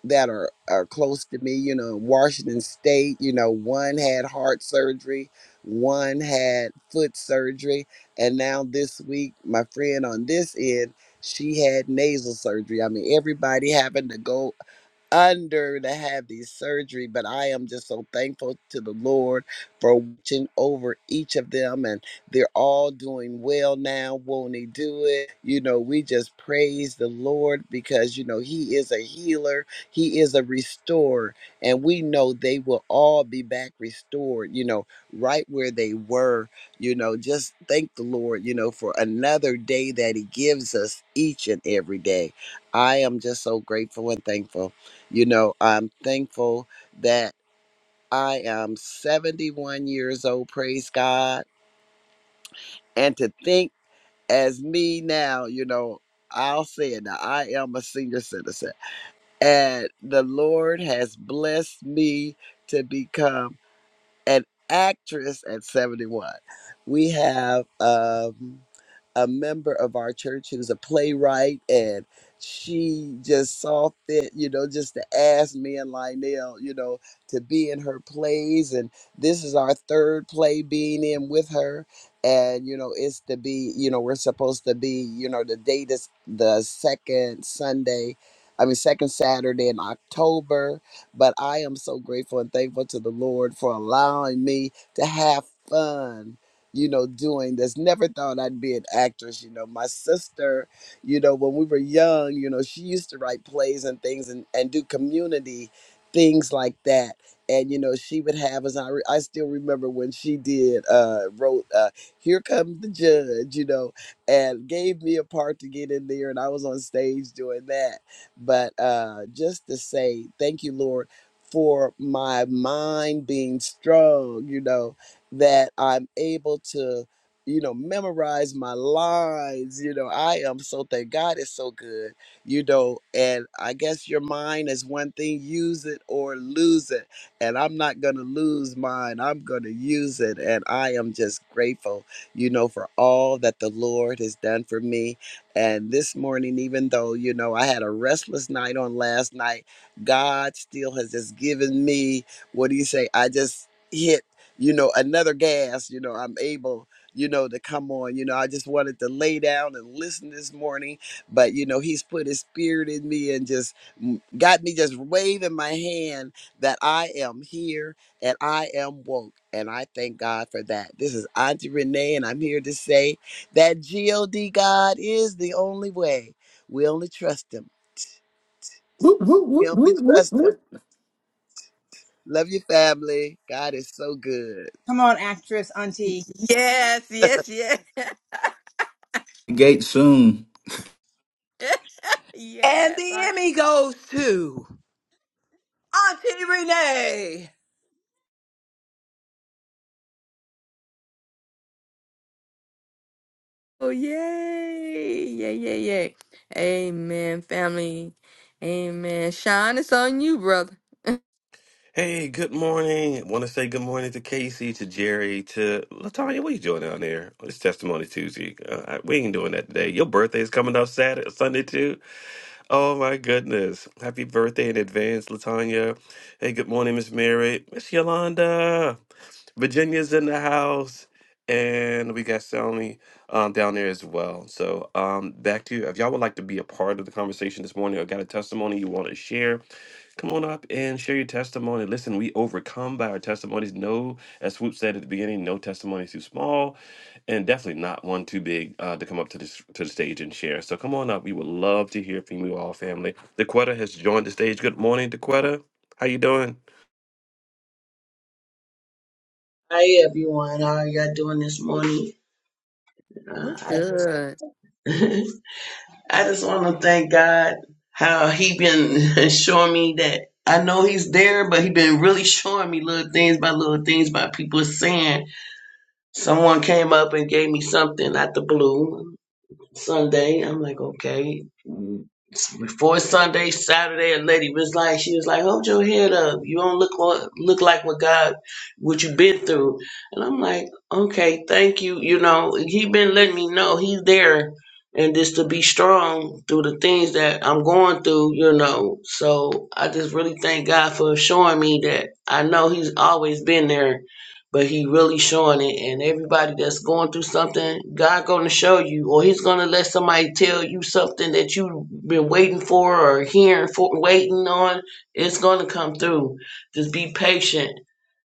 [SPEAKER 6] that are, are close to me, you know, in Washington State, you know, one had heart surgery, one had foot surgery, and now this week, my friend on this end, she had nasal surgery. I mean, everybody having to go under to have these surgery but i am just so thankful to the lord for watching over each of them and they're all doing well now won't he do it you know we just praise the lord because you know he is a healer he is a restorer and we know they will all be back restored you know right where they were you know just thank the lord you know for another day that he gives us each and every day i am just so grateful and thankful you know, I'm thankful that I am 71 years old, praise God. And to think as me now, you know, I'll say it now, I am a senior citizen. And the Lord has blessed me to become. an actress at 71. We have um, a member of our church who's a playwright, and she just saw fit, you know, just to ask me and Lionel, you know, to be in her plays. And this is our third play being in with her. And, you know, it's to be, you know, we're supposed to be, you know, the date is the second Sunday, I mean, second Saturday in October but I am so grateful and thankful to the Lord for allowing me to have fun, you know, doing this. Never thought I'd be an actress. You know, my sister, you know, when we were young, you know, she used to write plays and things and, and do community things like that. And you know she would have us. I, re- I still remember when she did uh, wrote uh, "Here Comes the Judge," you know, and gave me a part to get in there, and I was on stage doing that but uh, just to say thank you, Lord, for my mind being strong, you know, that I'm able to, you know, memorize my lines. You know, I am so thank God is so good, you know, and I guess your mind is one thing, use it or lose it. And I'm not going to lose mine, I'm going to use it. And I am just grateful, you know, for all that the Lord has done for me and this morning, even though, you know, I had a restless night on last night, God still has just given me, what do you say? I just hit, you know, another gas, you know, I'm able, you know, to come on. You know, I just wanted to lay down and listen this morning, but, you know, He's put His spirit in me and just mm, got me just waving my hand that I am here and I am woke. And I thank God for that. This is Auntie Renee, and I'm here to say that God God is the only way. We only trust Him.
[SPEAKER 5] Whoop, whoop,
[SPEAKER 6] We
[SPEAKER 5] whoop,
[SPEAKER 6] only
[SPEAKER 5] whoop, whoop,
[SPEAKER 6] trust Him.
[SPEAKER 5] whoop.
[SPEAKER 6] Love your family. God is so good.
[SPEAKER 3] Come on, actress, auntie.
[SPEAKER 1] Yes, yes, yes.
[SPEAKER 5] Gate soon.
[SPEAKER 4] and
[SPEAKER 1] yes.
[SPEAKER 4] the
[SPEAKER 1] Auntie.
[SPEAKER 4] emmy goes to auntie renee
[SPEAKER 1] Oh, yay. Yay, yay, yay. Amen, family. Amen. Sean, it's on you, brother.
[SPEAKER 2] Hey, good morning. want to say good morning to Casey, to Jerry, to Latonya. What are you doing down there? It's Testimony Tuesday. Uh, I- we ain't doing that today. Your birthday is coming up Saturday, Sunday too. Oh my goodness! Happy birthday in advance, Latonya. Hey, good morning, Miss Mary, Miss Yolanda. Virginia's in the house, and we got Sony um, down there as well. So um, back to you. If y'all would like to be a part of the conversation this morning, or got a testimony you want to share Come on up and share your testimony. Listen, we overcome by our testimonies. No, as Swoop said at the beginning, no testimony is too small, and definitely not one too big uh, to come up to this to the stage and share. So come on up. We would love to hear from you all, family. DeQuetta has joined the stage. Good morning, DeQuetta. How you doing?
[SPEAKER 7] Hi everyone, how are y'all doing this morning?
[SPEAKER 1] We're
[SPEAKER 7] Uh, I
[SPEAKER 1] good.
[SPEAKER 7] just, I just want to thank God how He been showing me that I know He's there, but He been really showing me little things by little things by people saying. Someone came up and gave me something out the blue. Sunday. I'm like, okay. Mm, Before Sunday, Saturday, a lady was like, she was like, hold your head up. You don't look what, look like what God, what you been through. And I'm like, okay, thank you. You know, he been letting me know he's there and just to be strong through the things that I'm going through, you know. So I just really thank God for showing me that I know he's always been there but he really showing it and everybody that's going through something god gonna show you or he's gonna let somebody tell you something that you've been waiting for or hearing for waiting on it's gonna come through just be patient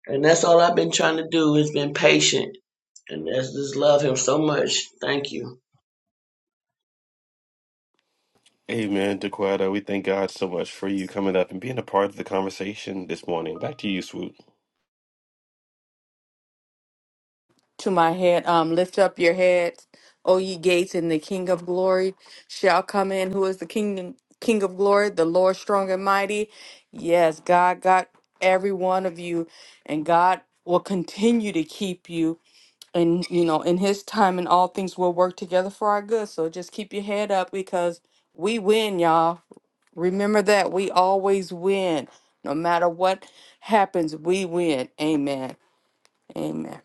[SPEAKER 7] and that's all i've been trying to do is been patient and that's just love him so much thank you
[SPEAKER 2] Amen, DeQuetta. We thank God so much for you coming up and being a part of the conversation this morning. Back to you, Swoop.
[SPEAKER 1] to my head. Um, lift up your heads, O ye gates, and the King of glory shall come in. Who is the King King of glory? The Lord strong and mighty. Yes, God got every one of you, and God will continue to keep you. And you know, in His time, and all things will work together for our good. So just keep your head up because we win, y'all. Remember that we always win. No matter what happens, we win. Amen. Amen.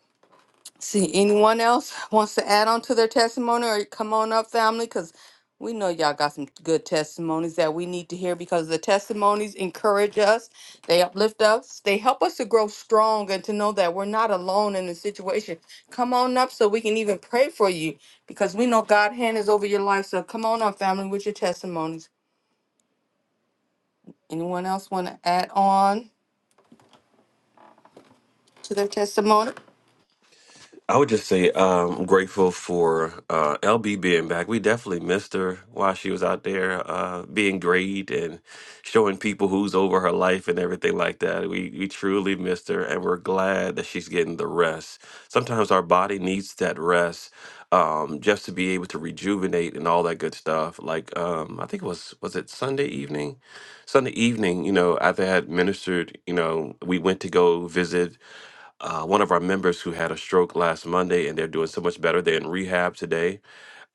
[SPEAKER 1] See, anyone else wants to add on to their testimony or come on up, family? Because we know y'all got some good testimonies that we need to hear because the testimonies encourage us, they uplift us, they help us to grow strong and to know that we're not alone in the situation. Come on up so we can even pray for you because we know God's hand is over your life. So come on up, family, with your testimonies. Anyone else want to add on to their testimony?
[SPEAKER 2] I would just say um, I'm grateful for uh, LB being back. We definitely missed her while she was out there uh, being great and showing people who's over her life and everything like that. We we truly missed her, and we're glad that she's getting the rest. Sometimes our body needs that rest um, just to be able to rejuvenate and all that good stuff. Like um, I think it was was it Sunday evening, Sunday evening. You know, after I had ministered, you know, we went to go visit uh, one of our members who had a stroke last Monday, and they're doing so much better. They're in rehab today,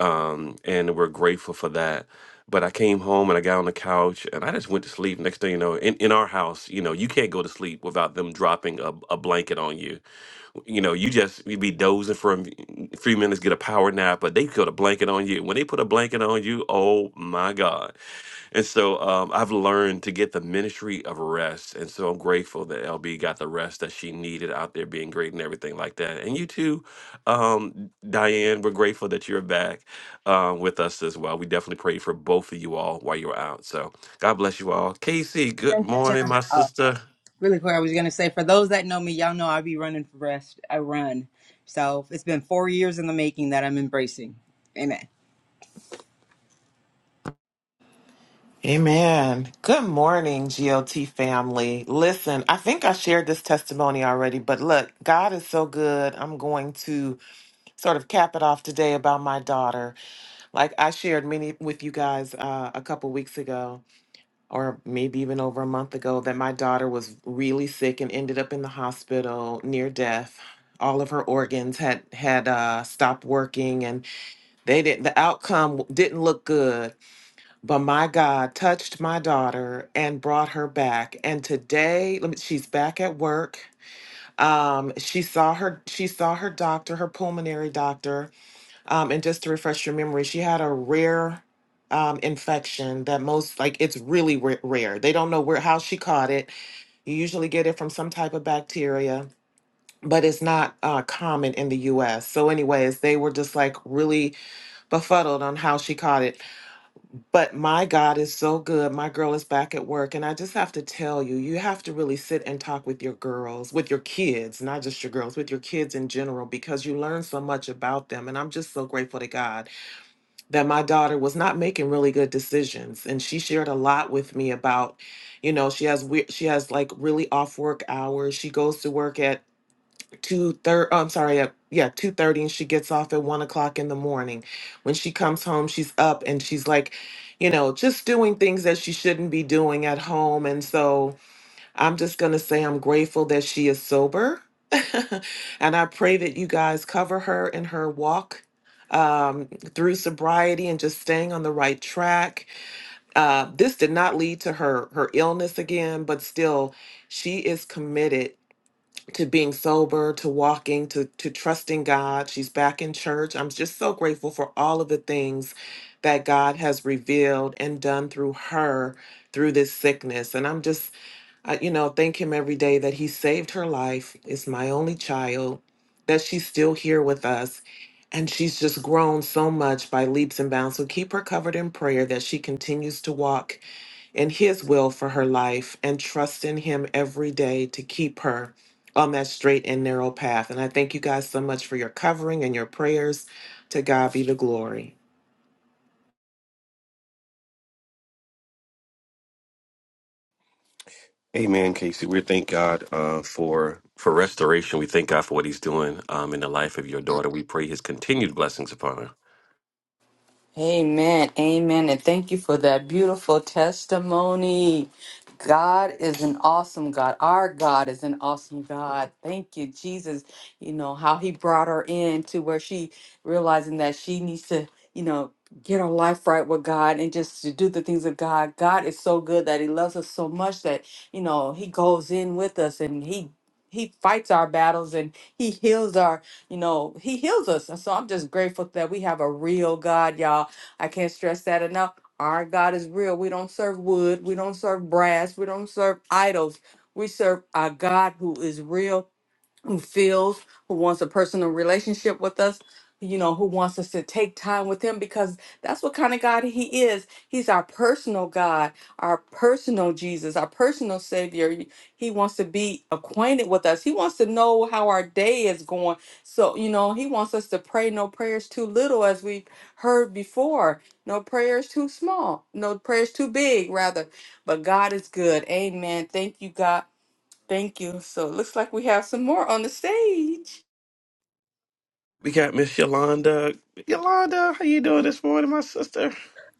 [SPEAKER 2] um, and we're grateful for that. But I came home and I got on the couch and I just went to sleep. Next thing you know, in, in our house, you know, you can't go to sleep without them dropping a, a blanket on you. You know, you just you'd be dozing for a m- few minutes, get a power nap, but they put a blanket on you. When they put a blanket on you, oh my God and so um, I've learned to get the ministry of rest. And so I'm grateful that LB got the rest that she needed out there being great and everything like that. And you too, um, Diane, we're grateful that you're back um, with us as well. We definitely prayed for both of you all while you were out. So God bless you all. Casey, good
[SPEAKER 3] Thank you,
[SPEAKER 2] morning,
[SPEAKER 3] Sean.
[SPEAKER 2] my
[SPEAKER 3] Oh,
[SPEAKER 2] sister.
[SPEAKER 3] really quick, I was going to say, for those that know me, y'all know I be running for rest. I run. So it's been four years in the making that I'm embracing. Amen.
[SPEAKER 8] Amen. Good morning, GLT family. Listen, I think I shared this testimony already, but look, God is so good. I'm going to sort of cap it off today about my daughter. Like I shared many with you guys uh, a couple weeks ago, or maybe even over a month ago, that my daughter was really sick and ended up in the hospital near death. All of her organs had had uh, stopped working, and they didn't. The outcome didn't look good. But my God touched my daughter and brought her back. And today, let me, she's back at work. Um, she saw her she saw her doctor, her pulmonary doctor. Um, and just to refresh your memory, she had a rare um, infection that most like it's really ra- rare. They don't know where how she caught it. You usually get it from some type of bacteria, but it's not uh, common in the U.S. So, anyways, they were just like really befuddled on how she caught it. But my God is so good. My girl is back at work. And I just have to tell you, you have to really sit and talk with your girls, with your kids, not just your girls, with your kids in general, because you learn so much about them. And I'm just so grateful to God that my daughter was not making really good decisions. And she shared a lot with me about, you know, she has, we- she has like really off work hours. She goes to work at two thirty. I'm sorry. At, yeah, two thirty, and she gets off at one o'clock in the morning. When she comes home, she's up and she's like, you know, just doing things that she shouldn't be doing at home. And so I'm just gonna say I'm grateful that she is sober, and I pray that you guys cover her in her walk um, through sobriety and just staying on the right track. Uh, this did not lead to her her illness again, but still, she is committed to being sober, to walking, to to trusting God. She's back in church. I'm just so grateful for all of the things that God has revealed and done through her through this sickness. And I'm just I, you know, thank him every day that he saved her life. It's my only child that she's still here with us. And she's just grown so much by leaps and bounds. So keep her covered in prayer that she continues to walk in His will for her life and trust in Him every day to keep her on that straight and narrow path. And I thank you guys so much for your covering and your prayers. To God be the glory.
[SPEAKER 2] Amen, Casey. We thank God uh, for For restoration, we thank God for what he's doing um, in the life of your daughter. We pray his continued blessings upon her.
[SPEAKER 1] Amen. Amen. And thank you for that beautiful testimony. God is an awesome God. Our God is an awesome God. Thank you, Jesus. You know, how he brought her in to where she realizing that she needs to, you know, get her life right with God and just to do the things of God. God is so good that he loves us so much that, you know, he goes in with us and he he fights our battles and he heals our you know, he heals us. And so I'm just grateful that we have a real God, y'all. I can't stress that enough. Our God is real. We don't serve wood, we don't serve brass, we don't serve idols. We serve a God who is real who feels, who wants a personal relationship with us, you know, who wants us to take time with him because that's what kind of God he is. He's our personal God, our personal Jesus, our personal Savior. He wants to be acquainted with us. He wants to know how our day is going. So, you know, he wants us to pray no prayers too little, as we've heard before. No prayers too small, no prayers too big, rather. But God is good. Amen. Thank you, God Thank you. So it looks like we have some more on the stage.
[SPEAKER 2] We got Miss Yolanda. Yolanda, how you doing this morning, my sister?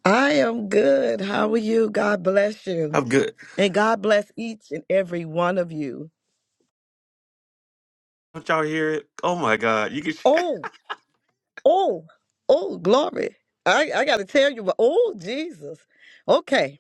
[SPEAKER 9] I am good. How are you? God bless you.
[SPEAKER 2] I'm good.
[SPEAKER 9] And God bless each and every one of you.
[SPEAKER 2] Don't y'all hear it? Oh my God, you can.
[SPEAKER 9] Oh, oh, oh, glory. I, I got to tell you, but oh, Jesus. Okay.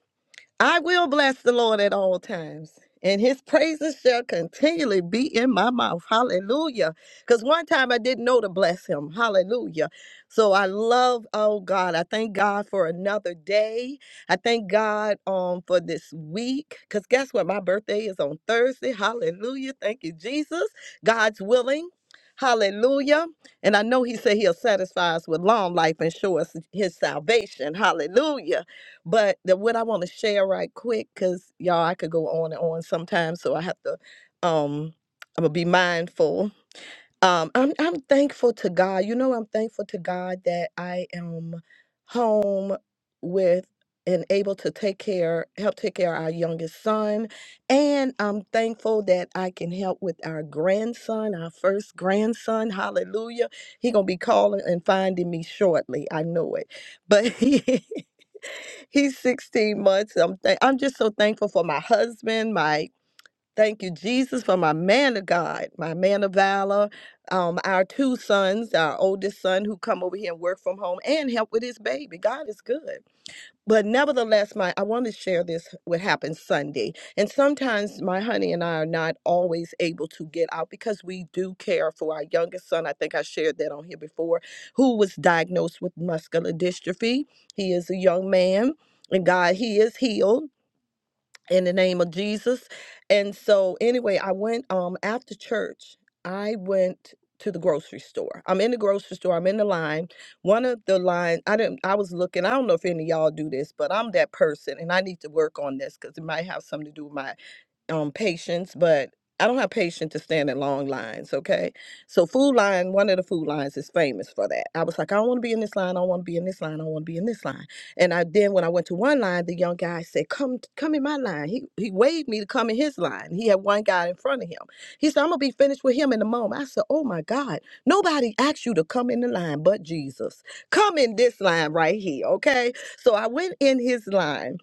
[SPEAKER 9] I will bless the Lord at all times, and his praises shall continually be in my mouth. Hallelujah. Because one time I didn't know to bless him. Hallelujah. So I love, oh God, I thank God for another day. I thank God um for this week. Because guess what? My birthday is on Thursday. Hallelujah. Thank you, Jesus. God's willing. Hallelujah. And I know he said he'll satisfy us with long life and show us his salvation. Hallelujah. But the, what I want to share right quick, because y'all, I could go on and on sometimes, so I have to, um, I'm gonna be mindful. Um, I'm I'm thankful to God. You know, I'm thankful to God that I am home with and able to take care, help take care of our youngest son, and I'm thankful that I can help with our grandson, our first grandson. Hallelujah! He gonna be calling and finding me shortly. I know it, but. He's 16 months. I'm thank I'm just so thankful for my husband, my thank you, Jesus, for my man of God, my man of valor, um, our two sons, our oldest son who come over here and work from home and help with his baby. God is good. But nevertheless, my I want to share this what happened Sunday. And sometimes my honey and I are not always able to get out because we do care for our youngest son. I think I shared that on here before, who was diagnosed with muscular dystrophy. He is a young man and God, he is healed in the name of Jesus. And so anyway, I went um after church, I went to the grocery store. I'm in the grocery store, I'm in the line. One of the line I didn't I was looking, I don't know if any of y'all do this, but I'm that person and I need to work on this because it might have something to do with my um patience, but I don't have patience to stand in long lines, okay? So food line, one of the food lines is famous for that. I was like, I don't want to be in this line, I don't want to be in this line, I don't want to be in this line. And I then when I went to one line, the young guy said, Come come in my line. He he waved me to come in his line. He had one guy in front of him. He said, I'm gonna be finished with him in a moment. I said, Oh my God, nobody asked you to come in the line but Jesus. Come in this line right here, okay? So I went in his line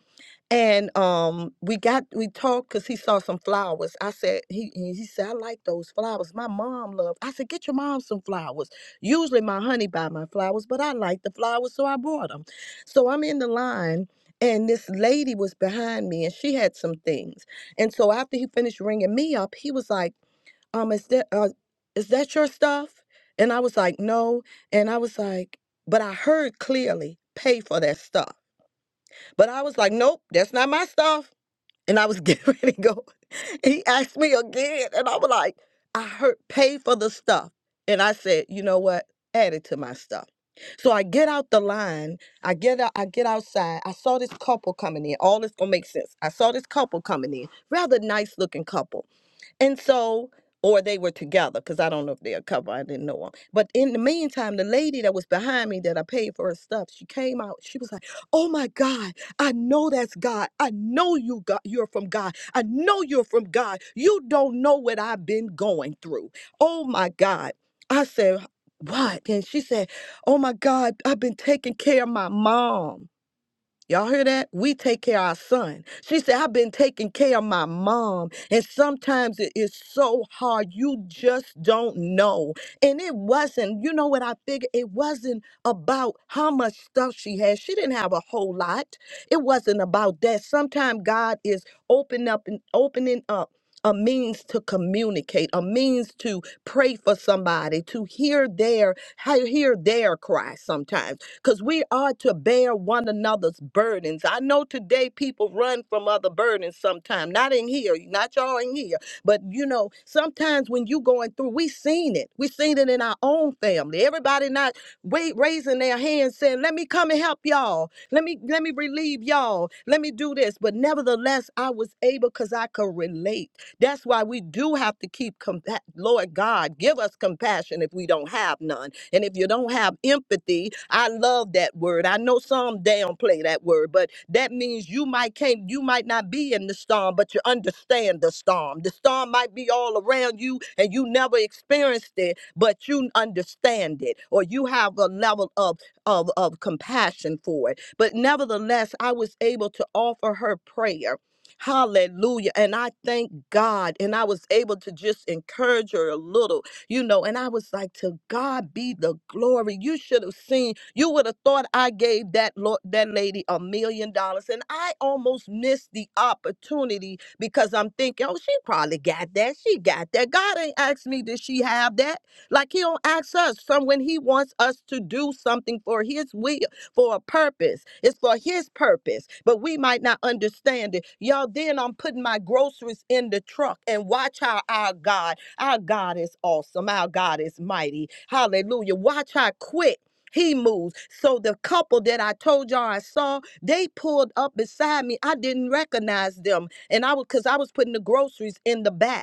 [SPEAKER 9] and um, we got we talked because he saw some flowers. I said he he he said I like those flowers. My mom loved. I said get your mom some flowers. Usually my honey buy my flowers, but I like the flowers, so I brought them. So I'm in the line, and this lady was behind me, and she had some things. And so after he finished ringing me up, he was like, um, is that uh, is that your stuff? And I was like, no. And I was like, but I heard clearly, pay for that stuff. But I was like, nope, that's not my stuff and I was getting ready to go. And He asked me again, and I was like, I heard pay for the stuff. And I said, you know what? Add it to my stuff. So I get out the line. I get out, I get outside. I saw this couple coming in. All this gonna make sense. I saw this couple coming in. Rather nice looking couple. And so, or they were together because I don't know if they're a couple. I didn't know them. But in the meantime, the lady that was behind me that I paid for her stuff, she came out. She was like, "Oh my God, I know that's God. I know you got you're from God. I know you're from God. You don't know what I've been going through. Oh my God." I said, "What?" And she said, "Oh my God, I've been taking care of my mom." Y'all hear that? We take care of our son. She said, I've been taking care of my mom. And sometimes it is so hard. You just don't know. And it wasn't, you know what I figured? It wasn't about how much stuff she had. She didn't have a whole lot. It wasn't about that. Sometimes God is opening up and opening up. A means to communicate, a means to pray for somebody, to hear their hear their cry sometimes because we are to bear one another's burdens. I know today people run from other burdens sometimes. Not in here, not y'all in here, but you know, sometimes when you going through, we seen it. We seen it in our own family. Everybody not wait, raising their hands saying, "Let me come and help y'all. Let me let me relieve y'all. Let me do this." But nevertheless, I was able because I could relate. That's why we do have to keep compa- Lord God, give us compassion if we don't have none and if you don't have empathy, I love that word. I know some downplay that word, but that means you might can't, you might not be in the storm, but you understand the storm. The storm might be all around you and you never experienced it, but you understand it, or you have a level of of, of compassion for it. But nevertheless, I was able to offer her prayer. Hallelujah. And I thank God. And I was able to just encourage her a little you know. And I was like, to God be the glory. You should have seen, you would have thought I gave that lo- that lady a million dollars. And I almost missed the opportunity because I'm thinking, oh, she probably got that. She got that. God ain't asked me, did she have that? Like he don't ask us. Some when he wants us to do something for his will, for a purpose. It's for his purpose, but we might not understand it. Y'all, then I'm putting my groceries in the truck and watch how our God our God is awesome. Our God is mighty. Hallelujah. Watch how quick he moves. So the couple that I told y'all I saw, they pulled up beside me. I didn't recognize them. And I was because I was putting the groceries in the back.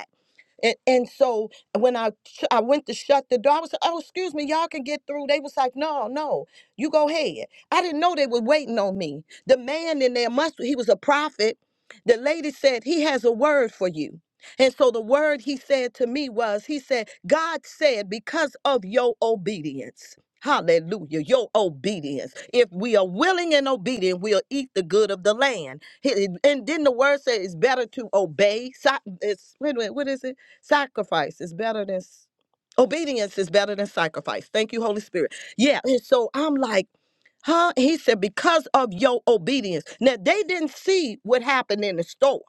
[SPEAKER 9] And and so when I sh- I went to shut the door, I was like, oh excuse me, y'all can get through. They was like, no, no, you go ahead. I didn't know they were waiting on me. The man in there must he was a prophet. The lady said he has a word for you. And so the word he said to me was, he said, God said, because of your obedience. Hallelujah, your obedience. If we are willing and obedient, we'll eat the good of the land. He- And then the word says it's better to obey. si- It's, wait a minute, what is it? Sacrifice is better than s- obedience is better than sacrifice. Thank you, Holy Spirit. Yeah. And so I'm like, huh? He said, because of your obedience. Now they didn't see what happened in the store.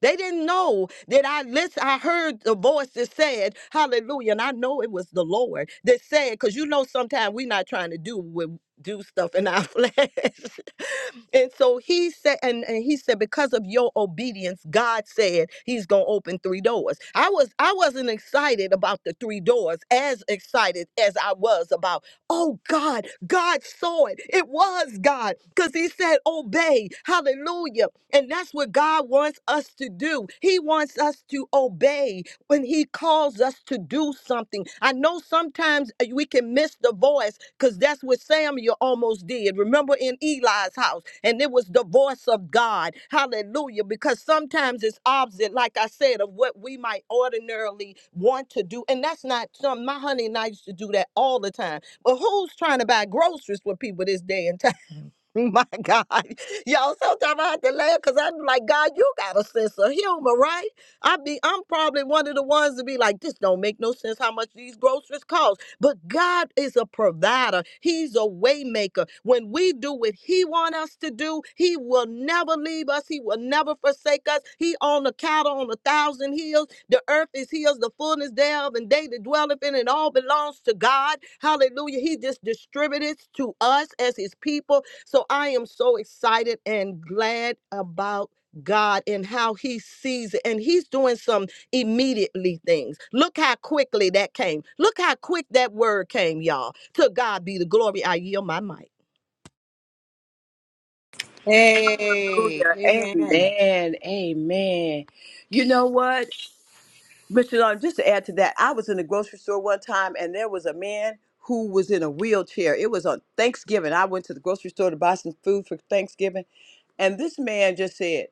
[SPEAKER 9] They didn't know that I listen, I heard the voice that said, Hallelujah. And I know it was the Lord that said, because you know sometimes we're not trying to do what do stuff in our flesh. and so he said, and, and he said, because of your obedience, God said he's gonna open three doors. I was I wasn't excited about the three doors as excited as I was about Oh God, God saw it. It was God because He said, Obey. Hallelujah. And that's what God wants us to do. He wants us to obey when He calls us to do something. I know sometimes uh, we can miss the voice because that's what Samuel almost did. Remember in Eli's house, and it was the voice of God. Hallelujah. Because sometimes it's opposite, like I said, of what we might ordinarily want to do. And that's not some, my honey and I used to do that all the time. But who's trying to buy groceries for people this day and time? My God. Y'all, sometimes I have to laugh because I'm like, God, you got a sense of humor, right? I be I'm probably one of the ones to be like, this don't make no sense how much these groceries cost. But God is a provider. He's a way maker. When we do what he want us to do, he will never leave us. He will never forsake us. He on the cattle on a thousand hills. The earth is his, the fullness thereof, and they that dwelleth in it all belongs to God. Hallelujah. He just distributed to us as his people so I am so excited and glad about God and how he sees it. And he's doing some immediately things. Look how quickly that came. Look how quick that word came, y'all. To God be the glory. I yield my mic.
[SPEAKER 3] Hey,
[SPEAKER 4] Hallelujah.
[SPEAKER 3] amen.
[SPEAKER 4] Amen. Amen. You know what? Mr. Long, just to add to that, I was in the grocery store one time and there was a man who was in a wheelchair. It was on Thanksgiving. I went to the grocery store to buy some food for Thanksgiving. And this man just said,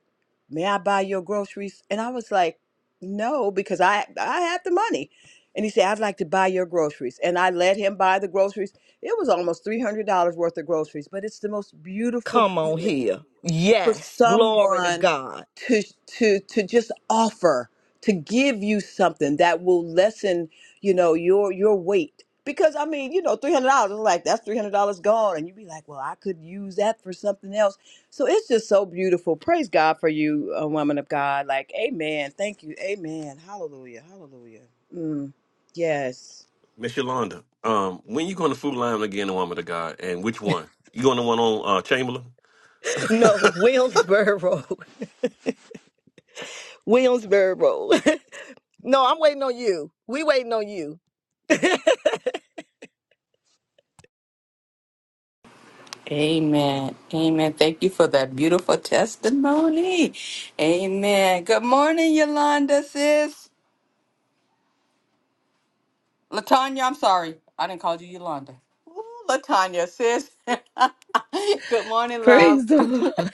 [SPEAKER 4] May I buy your groceries? And I was like, No, because I I have the money. And he said, I'd like to buy your groceries. And I let him buy the groceries. It was almost $300 worth of groceries, but it's the most beautiful
[SPEAKER 9] Come on
[SPEAKER 4] feeling
[SPEAKER 9] here.
[SPEAKER 4] for
[SPEAKER 9] Yes, glory to
[SPEAKER 4] someone
[SPEAKER 9] God.
[SPEAKER 4] to to to just offer to give you something that will lessen you know your your weight because i mean you know $300 is like that's $300 gone and you be like well i could use that for something else so it's just so beautiful praise god for you a woman of god like amen thank you amen hallelujah hallelujah mm, yes
[SPEAKER 2] Miss Yolanda, um, when you going to Food Lion again, the woman of God, and which one? You going to one on uh, Chamberlain?
[SPEAKER 9] No, Williamsboro. Williamsboro. no, I'm waiting on you. We waiting on you. I'm
[SPEAKER 1] Amen. Amen. Thank you for that beautiful testimony. Amen. Good morning, Yolanda, sis. Latanya, I'm sorry. I didn't call you Yolanda. Ooh, Latanya, sis. Good morning, love.
[SPEAKER 10] Praise the Lord.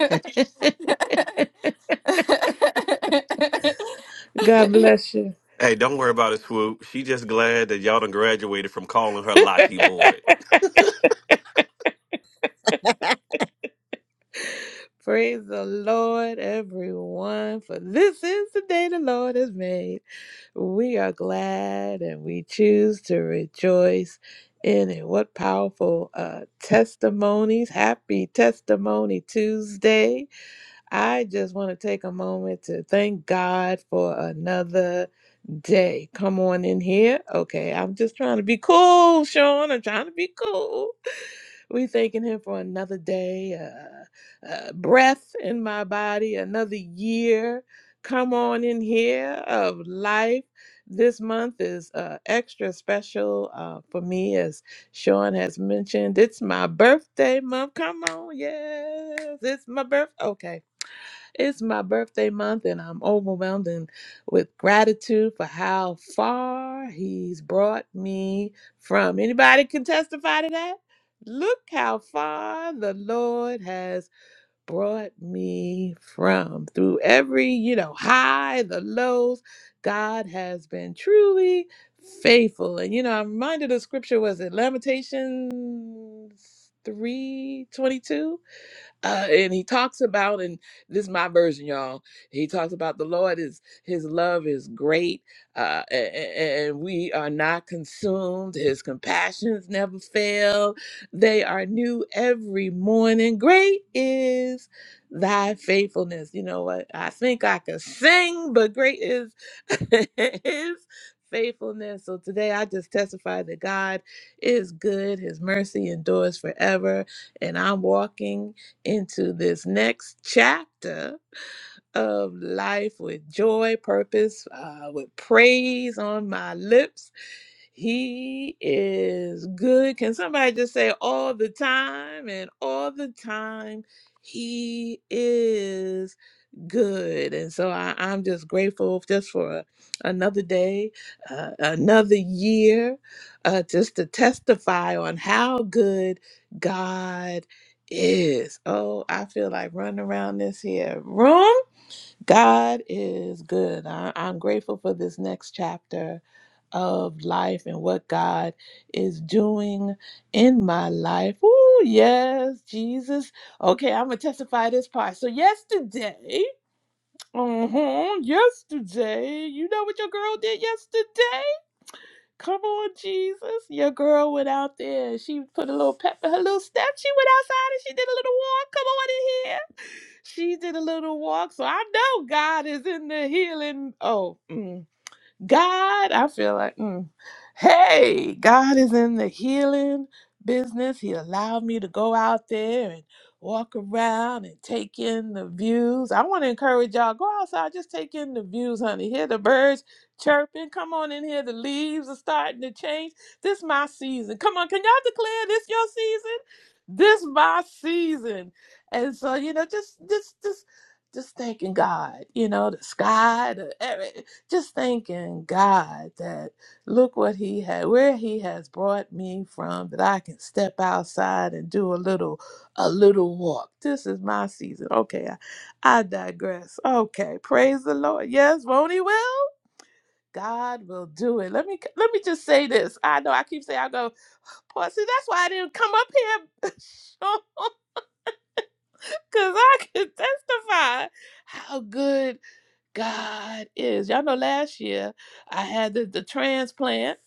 [SPEAKER 10] God bless you.
[SPEAKER 2] Hey, don't worry about it, Swoop. She just glad that y'all done graduated from calling her Lottie Boyd.
[SPEAKER 10] Praise the Lord, everyone, for this is the day the Lord has made. We are glad and we choose to rejoice in it. What powerful uh, testimonies. Happy Testimony Tuesday. I just want to take a moment to thank God for another day. Come on in here. Okay, I'm just trying to be cool, Sean. I'm trying to be cool. we thanking him for another day, uh, uh, breath in my body, another year. Come on in here of life. This month is uh, extra special uh, for me, as Sean has mentioned. It's my birthday month. Come on, yes, it's my birth. Okay, it's my birthday month, and I'm overwhelmed and with gratitude for how far He's brought me from. Anybody can testify to that? Look how far the Lord has brought me from. Through every, you know, high, the lows, God has been truly faithful. And, you know, I'm reminded of scripture, was it Lamentations three twenty two? uh, and he talks about and this is my version y'all he talks about the lord is his love is great uh, a- a- and, we are not consumed his compassions never fail they are new every morning great is thy faithfulness you know what i think i can sing but great is his faithfulness so today i just testify that god is good his mercy endures forever and i'm walking into this next chapter of life with joy, purpose, uh, with praise on my lips he is good. Can somebody just say all the time and all the time? He is good. And so I, I'm just grateful just for a, another day, uh, another year, uh, just to testify on how good God is. Oh, I feel like running around this here room God is good. I, I'm grateful for this next chapter of life and what God is doing in my life. Oh, yes, Jesus. Okay, I'm going to testify this part. So, yesterday, mm-hmm. yesterday, you know what your girl did yesterday? Come on, Jesus. Your girl went out there. She put a little pep in her little step. She went outside and she did a little walk. Come on in here. She did a little walk. So I know God is in the healing. Oh. mm, God, I feel like, mm. hey, God is in the healing business. He allowed me to go out there and walk around and take in the views. I want to encourage y'all go outside, just take in the views, honey. Hear the birds chirping. Come on in here. The leaves are starting to change. This my season. Come on, can y'all declare this your season? This my season. And so, you know, just just just just thanking God, you know, the sky, the, just thanking God that look what He had, where He has brought me from, that I can step outside and do a little, a little walk. This is my season. Okay, I, I digress. Okay, praise the Lord. Yes, won't He will? God will do it. Let me let me just say this. I know I keep saying I go, boy, see that's why I didn't come up here, because I can testify how good God is. Y'all know last year I had the, the transplant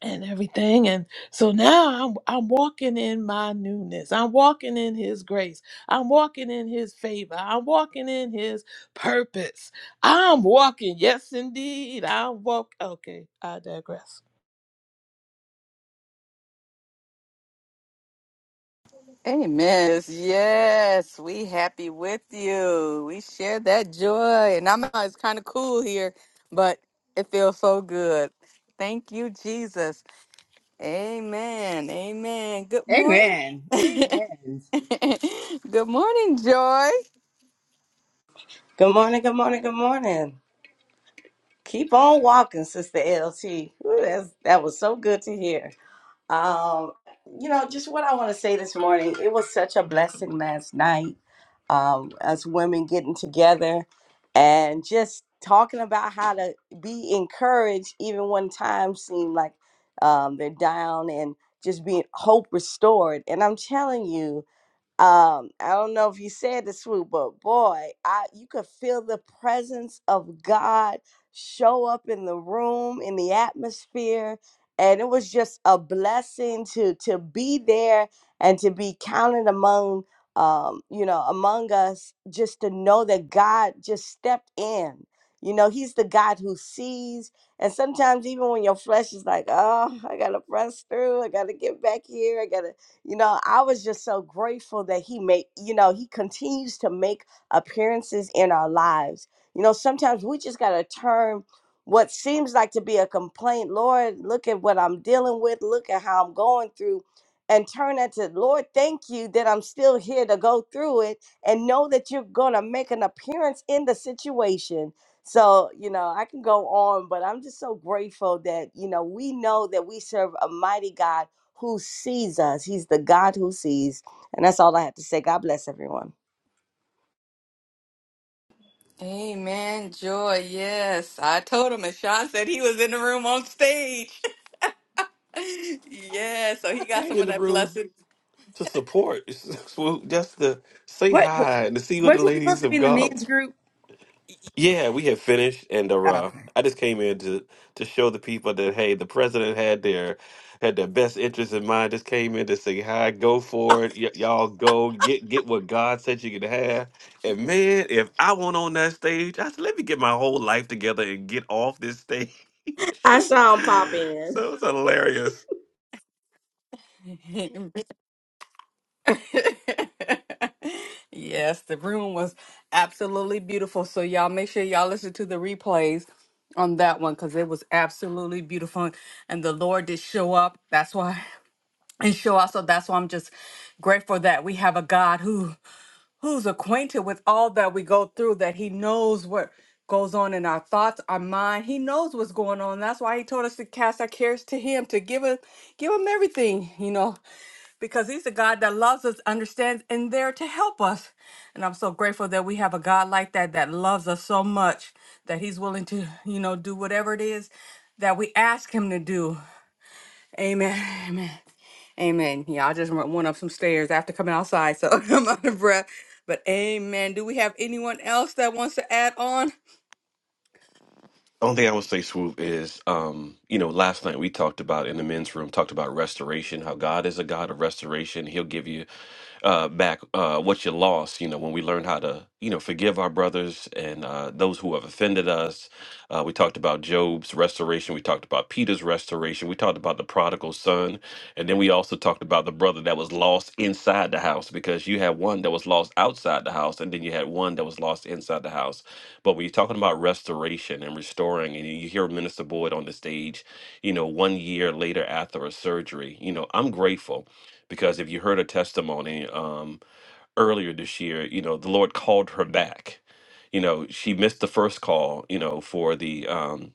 [SPEAKER 10] and everything. And so now I'm I'm walking in my newness. I'm walking in his grace. I'm walking in his favor. I'm walking in his purpose. I'm walking. Yes, indeed. I'm walk okay, I digress.
[SPEAKER 1] Amen. Yes, yes, we happy with you. We share that joy. And I know it's kind of cool here, but it feels so good. Thank you, Jesus. Amen. Amen. Good morning.
[SPEAKER 3] Amen.
[SPEAKER 1] good
[SPEAKER 3] Amen.
[SPEAKER 1] morning, Joy.
[SPEAKER 11] Good morning, good morning, good morning. Keep on walking, Sister LT. Ooh, that's, that was so good to hear. Um, you know, just what I want to say this morning, it was such a blessing last night um, as women getting together and just talking about how to be encouraged even when times seem like um, they're down and just being hope restored. And I'm telling you, um, I don't know if you said this, Swoop, but boy, I you could feel the presence of God show up in the room, in the atmosphere, and it was just a blessing to to be there and to be counted among um, you know, among us, just to know that God just stepped in. You know, He's the God who sees, and sometimes even when your flesh is like, "Oh, I gotta press through, I gotta get back here, I gotta," you know, I was just so grateful that he made, you know, he continues to make appearances in our lives. You know, sometimes we just got to turn what seems like to be a complaint, Lord, look at what I'm dealing with, look at how I'm going through, and turn that to, Lord, thank you that I'm still here to go through it and know that you're going to make an appearance in the situation. So, you know, I can go on, but I'm just so grateful that, you know, we know that we serve a mighty God who sees us. He's the God who sees. And that's all I have to say. God bless everyone.
[SPEAKER 1] Amen, Joy. Yes, I told him, and Sean said he was in the room on stage. yeah, so
[SPEAKER 2] I
[SPEAKER 1] he got
[SPEAKER 2] came
[SPEAKER 1] some
[SPEAKER 2] in
[SPEAKER 1] of
[SPEAKER 2] the
[SPEAKER 1] that
[SPEAKER 2] room
[SPEAKER 1] blessed.
[SPEAKER 2] to support Swoop, just to say
[SPEAKER 3] What, what
[SPEAKER 2] hi and to see what
[SPEAKER 3] was
[SPEAKER 2] the
[SPEAKER 3] she
[SPEAKER 2] ladies
[SPEAKER 3] supposed to
[SPEAKER 2] of
[SPEAKER 3] be in the
[SPEAKER 2] God.
[SPEAKER 3] men's group?
[SPEAKER 2] Yeah, we have finished, and uh,
[SPEAKER 3] Oh,
[SPEAKER 2] uh,
[SPEAKER 3] okay.
[SPEAKER 2] I just came in to to show the people that hey, the president had their had their best interest in mind. Just came in to say hi, go for it, y- y'all go get get what God said you could have. And man, if I went on that stage, I said, let me get my whole life together and get off this stage.
[SPEAKER 11] I saw him pop in.
[SPEAKER 2] so it's hilarious.
[SPEAKER 1] yes, the room was absolutely beautiful. So y'all make sure y'all listen to the replays on that one because it was absolutely beautiful and the Lord did show up. That's why and show up. So that's why I'm just grateful that we have a God who who's acquainted with all that we go through, that he knows what goes on in our thoughts, our mind. He knows what's going on. That's why he told us to cast our cares to him, to give him give him everything, you know because he's a God that loves us, understands, and there to help us. And I'm so grateful that we have a God like that that loves us so much that he's willing to, you know, do whatever it is that we ask him to do. Amen. Amen. Amen. Yeah, I just went went up some stairs after coming outside, so I'm out of breath. But amen. Do we have anyone else that wants to add on?
[SPEAKER 2] Only thing I would say, Swoop, is um, you know, last night we talked about in the men's room, talked about restoration, how God is a God of restoration. He'll give you uh, back uh, what you lost. You know, when we learned how to, you know, forgive our brothers and uh, those who have offended us. Uh, we talked about Job's restoration. We talked about Peter's restoration. We talked about the prodigal son, and then we also talked about the brother that was lost inside the house because you had one that was lost outside the house, and then you had one that was lost inside the house. But when you're talking about restoration and restoring, and you hear Minister Boyd on the stage, you know, one year later after a surgery, you know, I'm grateful because if you heard her testimony um, earlier this year, you know the Lord called her back. You know she missed the first call, you know, for the um,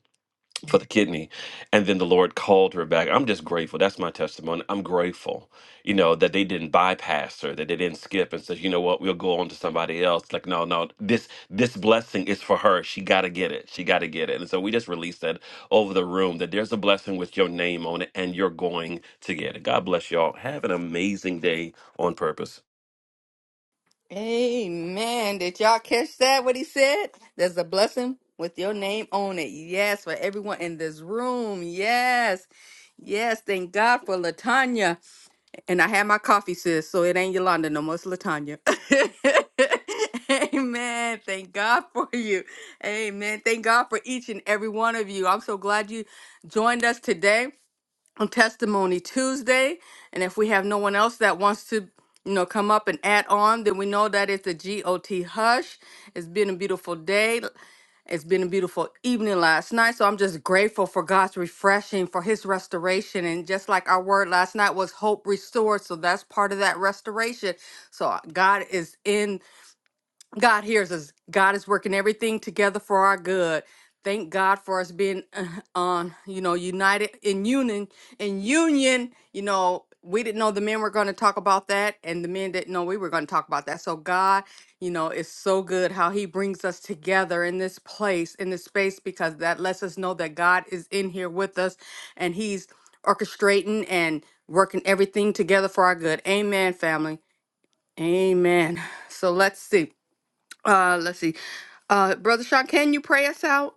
[SPEAKER 2] for the kidney and then the lord called her back i'm just grateful that's my testimony i'm grateful you know that they didn't bypass her that they didn't skip and say you know what we'll go on to somebody else like no no this this blessing is for her she got to get it she got to get it and so we just released that over the room that there's a blessing with your name on it and you're going to get it god bless y'all have an amazing day on purpose
[SPEAKER 1] Amen. Did y'all catch that? What he said? There's a blessing with your name on it. Yes, for everyone in this room. Yes. Yes, thank God for Latanya. And I had my coffee, sis, so it ain't Yolanda no more. It's Latanya. Amen. Thank God for you. Amen. Thank God for each and every one of you. I'm so glad you joined us today on Testimony Tuesday. And if we have no one else that wants to, you know, come up and add on, then we know that it's a GOT hush. It's been a beautiful day. It's been a beautiful evening last night. So I'm just grateful for God's refreshing, for his restoration. And just like our word last night was hope restored. So that's part of that restoration. So God is in. God hears us. God is working everything together for our good. Thank God for us being uh, on, you know, united in union. In union, you know, we didn't know the men were going to talk about that, and the men didn't know we were going to talk about that. So God, you know, is so good how He brings us together in this place, in this space, because that lets us know that God is in here with us, and He's orchestrating and working everything together for our good. Amen, family. Amen. So let's see. Uh, let's see. Uh, Brother Sean, can you pray us out?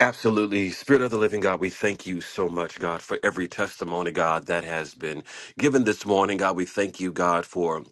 [SPEAKER 2] Absolutely. Spirit of the living God, we thank you so much, God, for every testimony, God, that has been given this morning. God, we thank you, God, for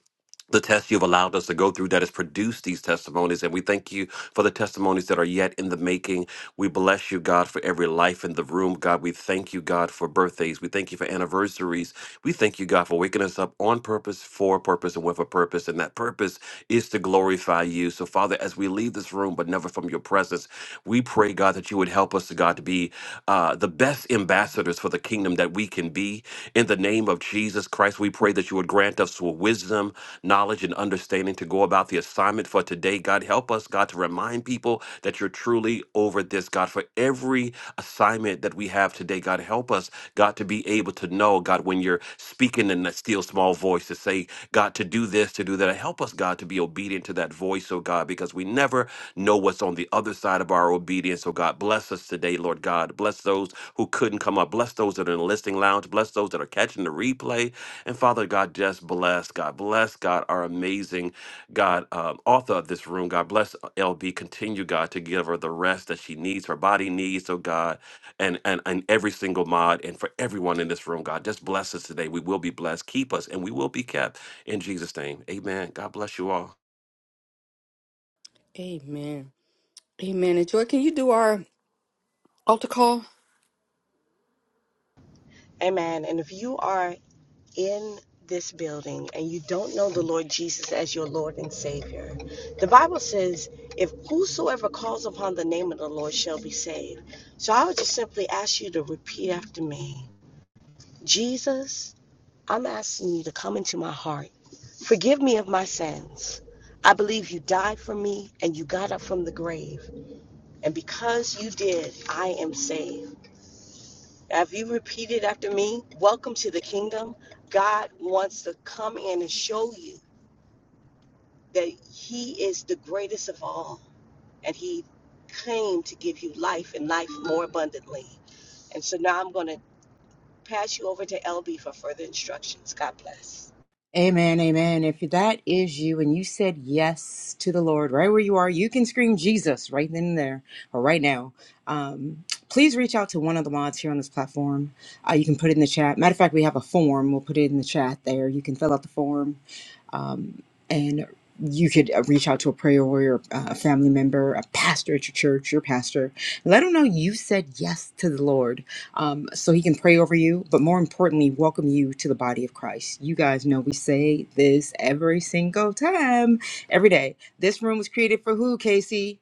[SPEAKER 2] the test you've allowed us to go through that has produced these testimonies. And we thank you for the testimonies that are yet in the making. We bless you, God, for every life in the room. God, we thank you, God, for birthdays. We thank you for anniversaries. We thank you, God, for waking us up on purpose, for a purpose, and with a purpose. And that purpose is to glorify you. So, Father, as we leave this room, but never from your presence, we pray, God, that you would help us, God, to be uh, the best ambassadors for the kingdom that we can be. In the name of Jesus Christ, we pray that you would grant us with wisdom, knowledge, and understanding to go about the assignment for today today. God, help us, God, to remind people that you're truly over this, God, for every assignment that we have today. God, help us, God, to be able to know, God, when you're speaking in that still small voice, to say, God, to do this, to do that. Help us, God, to be obedient to that voice, oh God, because we never know what's on the other side of our obedience. Oh God, bless us today, Lord God. Bless those those who couldn't come up. Bless those that are in the listening lounge. Bless those that are catching the replay. And Father God, just bless God. Bless God, our amazing God, um, author of this room. God bless LB. Continue, God, to give her the rest that she needs, her body needs, oh God, and, and, and every single mod and for everyone in this room, God. Just bless us today. We will be blessed. Keep us and we will be kept. In Jesus' name, amen. God bless you all.
[SPEAKER 1] Amen. Amen. And Joy, can you do our altar call?
[SPEAKER 11] Amen. And if you are in this building and you don't know the Lord Jesus as your Lord and Savior, the Bible says, if whosoever calls upon the name of the Lord shall be saved. So I would just simply ask you to repeat after me Jesus, I'm asking you to come into my heart. Forgive me of my sins. I believe you died for me and you got up from the grave. And because you did, I am saved. Now, if you repeat it after me, welcome to the kingdom. God wants to come in and show you that He is the greatest of all. And He came to give you life and life more abundantly. And so now I'm going to pass you over to LB for further instructions. God bless.
[SPEAKER 3] Amen, amen. If that is you and you said yes to the Lord right where you are, you can scream Jesus right then and there or right now. Um, please reach out to one of the mods here on this platform. Uh, you can put it in the chat. Matter of fact, we have a form. We'll put it in the chat there. You can fill out the form um, and you could uh, reach out to a prayer warrior, uh, a family member, a pastor at your church, your pastor. Let them know you said yes to the Lord um, so he can pray over you, but more importantly, welcome you to the body of Christ. You guys know we say this every single time, every day. This room was created for who, Casey?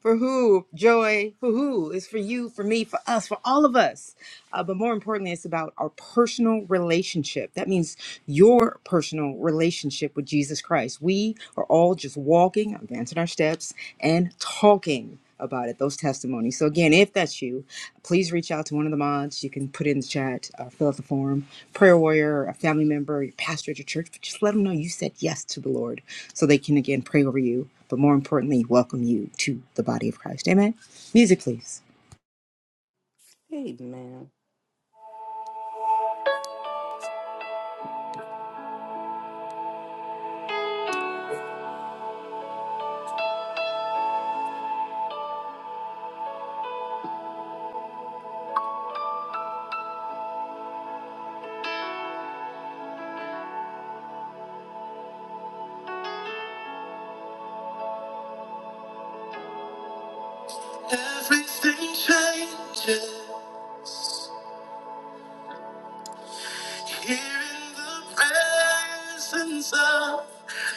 [SPEAKER 3] For who? Joy? For who? It's for you, for me, for us, for all of us. Uh, but more importantly, it's about our personal relationship. That means your personal relationship with Jesus Christ. We are all just walking, advancing our steps, and talking about it, those testimonies. So, again, if that's you, please reach out to one of the mods. You can put it in the chat, uh, fill out the form, prayer warrior, a family member, your pastor at your church, but just let them know you said yes to the Lord so they can again pray over you, but more importantly, welcome you to the body of Christ. Amen. Music, please.
[SPEAKER 1] Amen. Everything changes here in the presence of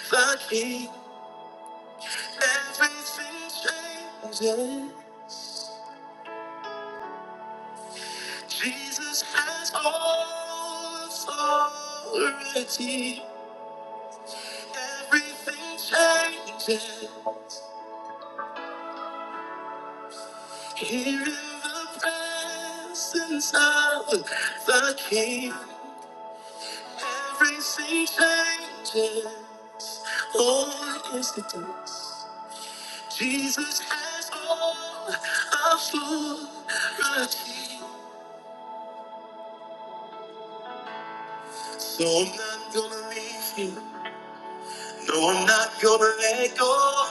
[SPEAKER 1] the King. Everything changes. Jesus has all authority. Everything changes. Here in the presence of the King, everything changes. Oh, yes, it does. Jesus has all authority. So I'm not gonna leave you. No, I'm not gonna let go.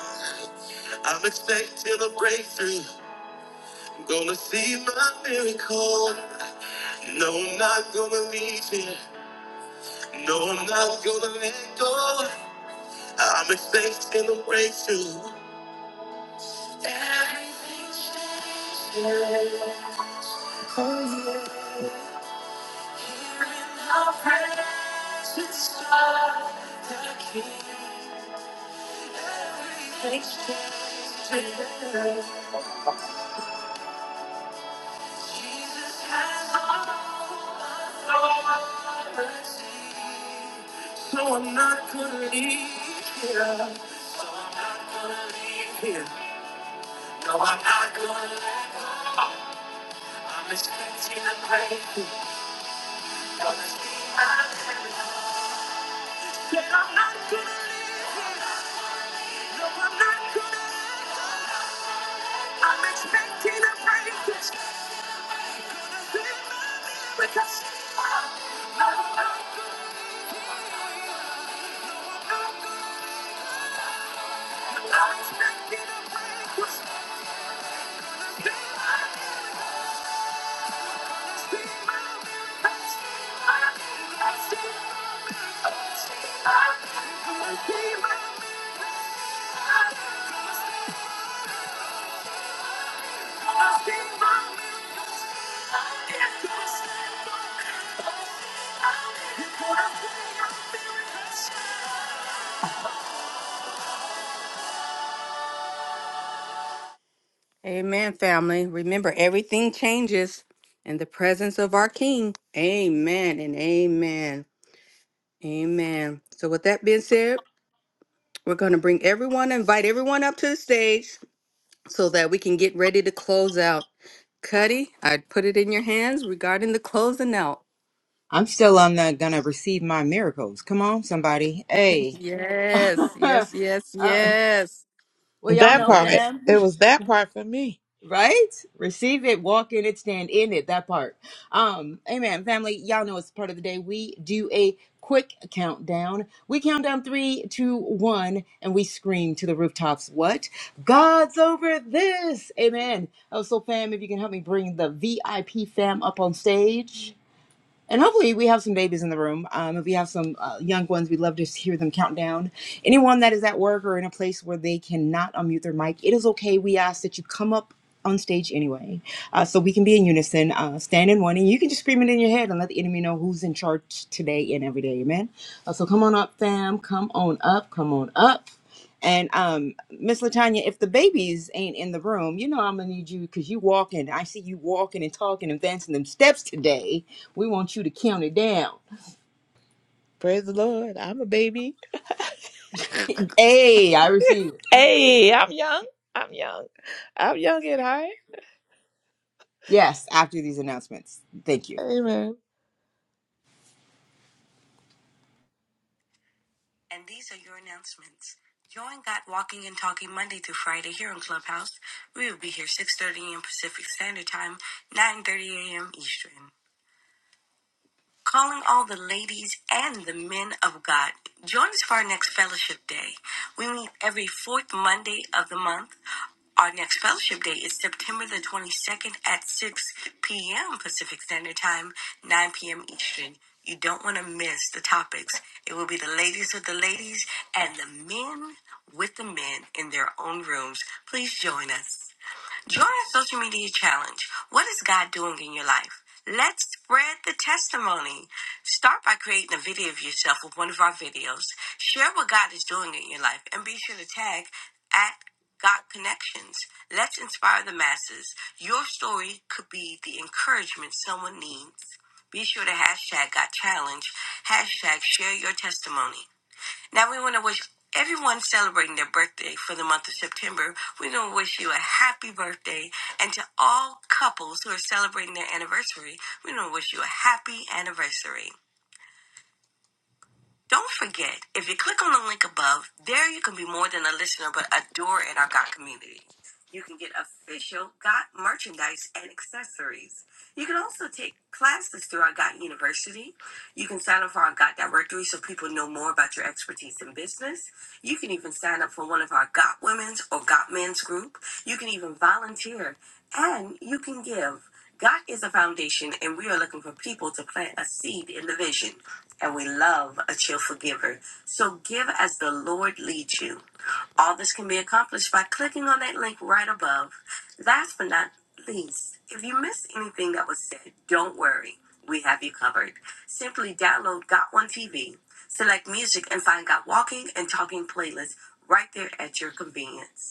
[SPEAKER 1] I'm expecting a breakthrough. I'm gonna see my miracle. No, I'm not gonna leave you. No, I'm not gonna let go. I'm expecting a breakthrough. Expecting a breakthrough. Jesus has all authority. So I'm not gonna leave here. So I'm not gonna leave here. No, I'm not gonna let go. I'm expecting a breakthrough. Gonna see my miracle. Said I'm not gonna leave. No, I'm not gonna leave. I'm expecting a breakthrough. because gonna be my miracle. I'm- I'm- I'm- I'm expecting a breakthrough. It's gonna be my miracle. It's gonna be my miracle. It's gonna be my miracle. It's gonna be my miracle. Amen, family. Remember, everything changes in the presence of our King. Amen and amen. Amen. So, with that being said, we're going to bring everyone, invite everyone up to the stage so that we can get ready to close out. Cuddy, I put it in your hands regarding the closing out.
[SPEAKER 3] I'm still on the gonna receive my miracles. Come on, somebody. Hey.
[SPEAKER 1] Yes, yes, yes, yes.
[SPEAKER 3] Well, y'all
[SPEAKER 10] That
[SPEAKER 3] know
[SPEAKER 10] part.
[SPEAKER 1] Yes.
[SPEAKER 3] fam,
[SPEAKER 10] It was that part for me.
[SPEAKER 3] right? Receive it, walk in it, stand in it. That part. Um, amen. Family, y'all know it's part of the day. We do a quick countdown. We count down three, two, one, and we scream to the rooftops. What? God's over this. Amen. Oh, so fam, if you can help me bring the VIP fam up on stage and hopefully we have some babies in the room um, if we have some uh, young ones we'd love to hear them count down anyone that is at work or in a place where they cannot unmute their mic it is okay we ask that you come up on stage anyway uh, so we can be in unison uh, stand in one and you can just scream it in your head and let the enemy know who's in charge today and every day amen uh, so come on up fam come on up come on up and um, Miss Latanya, if the babies ain't in the room, you know I'm gonna need you because you walking. I see you walking and talking and dancing them steps today. We want you to count it down.
[SPEAKER 10] Praise the Lord. I'm a baby.
[SPEAKER 3] Hey, I received it.
[SPEAKER 10] Hey, I'm young. I'm young. I'm young at heart.
[SPEAKER 3] Yes, after these announcements. Thank you.
[SPEAKER 10] Amen.
[SPEAKER 2] And these are your announcements. Join Got Walking and Talking Monday through Friday here on Clubhouse. We will be here 6.30 a.m. Pacific Standard Time, 9.30 a.m. Eastern. Calling all the ladies and the men of God. Join us for our next fellowship day. We meet every fourth Monday of the month. Our next fellowship day is September the 22nd at 6 p.m. Pacific Standard Time, 9 p.m. Eastern. You don't want to miss the topics. It will be the ladies with the ladies and the men with the men in their own rooms. Please join us. Join our social media challenge. What is God doing in your life? Let's spread the testimony. Start by creating a video of yourself with one of our videos. Share what God is doing in your life and be sure to tag at God Connections. Let's inspire the masses. Your story could be the encouragement someone needs. Be sure to hashtag God Challenge, hashtag share your testimony. Now we want to wish everyone celebrating their birthday for the month of September. We want to wish you a happy birthday, and to all couples who are celebrating their anniversary, we want to wish you a happy anniversary. Don't forget, if you click on the link above, there you can be more than a listener but a doer in our GOT community. You can get official GOT merchandise and accessories. You can also take classes through our GOT University. You can sign up for our GOT directory so people know more about your expertise in business. You can even sign up for one of our GOT women's or GOT men's group. You can even volunteer and you can give. God is a foundation, and we are looking for people to plant a seed in the vision. And we love a cheerful giver. So give as the Lord leads you. All this can be accomplished by clicking on that link right above. Last but not least, if you missed anything that was said, don't worry. We have you covered. Simply download Got One TV, select music, and find Got Walking and Talking playlists right there at your convenience.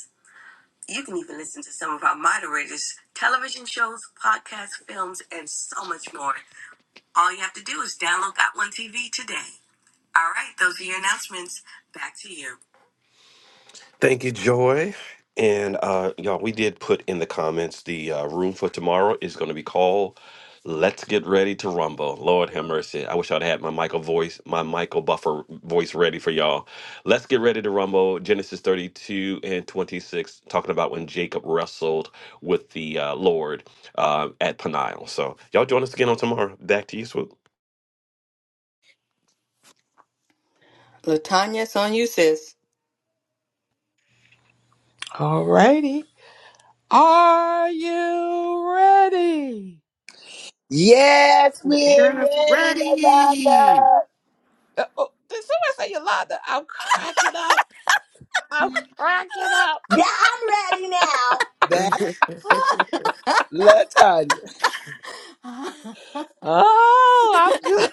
[SPEAKER 2] You can even listen to some of our moderators' television shows, podcasts, films, and so much more. All you have to do is download Got One TV today. All right, those are your announcements. Back to you. Thank you, Joy. And uh, y'all, we did put in the comments the uh, room for tomorrow is going to be called "Let's Get Ready to Rumble." Lord have mercy. I wish I'd had my Michael voice, my Michael Buffer voice, ready for y'all. Let's get ready to rumble. Genesis thirty-two and twenty-six, talking about when Jacob wrestled with the uh, Lord uh, at Peniel. So y'all join us again on tomorrow. Back to you, Swoop.
[SPEAKER 1] Latanya, it's on you, sis.
[SPEAKER 10] Alrighty. Are you ready?
[SPEAKER 6] Yes, we're
[SPEAKER 8] Yes,
[SPEAKER 6] ready,
[SPEAKER 8] ready,
[SPEAKER 6] Latanya.
[SPEAKER 10] Uh, oh, did somebody say Yolanda? I'm cracking up. I'm cracking up.
[SPEAKER 4] Yeah, I'm ready now.
[SPEAKER 6] That Latanya.
[SPEAKER 10] Oh, I'm just.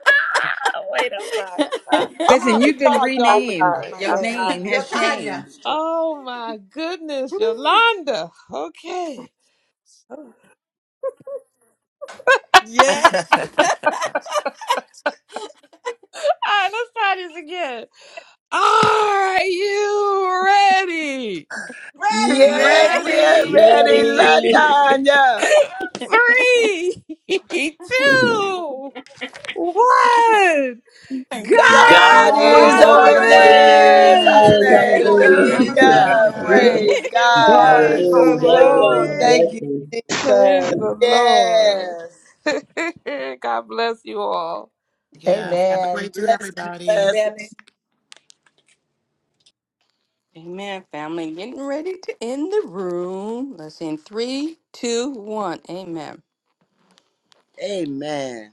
[SPEAKER 10] Wait, I'm sorry. I'm sorry.
[SPEAKER 9] gonna
[SPEAKER 3] Listen,
[SPEAKER 9] have to
[SPEAKER 3] you've been
[SPEAKER 9] charge
[SPEAKER 10] I'm sorry.
[SPEAKER 9] y'all
[SPEAKER 10] I'm
[SPEAKER 3] renamed.
[SPEAKER 9] for
[SPEAKER 10] sorry.
[SPEAKER 9] my
[SPEAKER 3] Your
[SPEAKER 10] I'm
[SPEAKER 9] name.
[SPEAKER 3] name
[SPEAKER 4] You're
[SPEAKER 3] has
[SPEAKER 10] sorry.
[SPEAKER 4] Tanya.
[SPEAKER 3] changed.
[SPEAKER 10] Oh my goodness, Yolanda. Okay. All
[SPEAKER 1] yes,
[SPEAKER 10] right, let's try this again. Are you ready?
[SPEAKER 6] Yes,
[SPEAKER 4] Ready.
[SPEAKER 6] we're
[SPEAKER 8] ready.
[SPEAKER 6] ready,
[SPEAKER 7] ready
[SPEAKER 1] ready.
[SPEAKER 6] Latanya.
[SPEAKER 10] Three, two, What?
[SPEAKER 7] god
[SPEAKER 1] God's
[SPEAKER 6] God
[SPEAKER 10] God's
[SPEAKER 8] God
[SPEAKER 7] is
[SPEAKER 6] is
[SPEAKER 8] is
[SPEAKER 3] God's
[SPEAKER 10] over
[SPEAKER 6] over
[SPEAKER 3] over
[SPEAKER 1] over
[SPEAKER 7] over
[SPEAKER 8] over
[SPEAKER 6] this.
[SPEAKER 8] this.
[SPEAKER 7] this
[SPEAKER 10] this.
[SPEAKER 4] Yes,
[SPEAKER 3] this.
[SPEAKER 7] hallelujah
[SPEAKER 4] he
[SPEAKER 6] Hallelujah.
[SPEAKER 4] is now.
[SPEAKER 8] Hallelujah.
[SPEAKER 7] hallelujah
[SPEAKER 6] Praise
[SPEAKER 4] God
[SPEAKER 1] this.
[SPEAKER 6] God.
[SPEAKER 4] is
[SPEAKER 10] Praise
[SPEAKER 8] Praise His
[SPEAKER 10] the
[SPEAKER 8] name.
[SPEAKER 7] Thank
[SPEAKER 4] over
[SPEAKER 6] Woo,
[SPEAKER 7] god
[SPEAKER 10] Lord.
[SPEAKER 4] this.
[SPEAKER 6] thank
[SPEAKER 7] bless
[SPEAKER 6] you,
[SPEAKER 7] you
[SPEAKER 10] Praise
[SPEAKER 6] Jesus.
[SPEAKER 10] the Lord.
[SPEAKER 6] Yes.
[SPEAKER 10] God bless you all.
[SPEAKER 4] Amen.
[SPEAKER 6] Blessings,
[SPEAKER 4] Be blessed,
[SPEAKER 6] blessings.
[SPEAKER 4] family.
[SPEAKER 1] Amen, family. Getting ready to end the room. Let's in three, two, one. Amen.
[SPEAKER 6] Amen.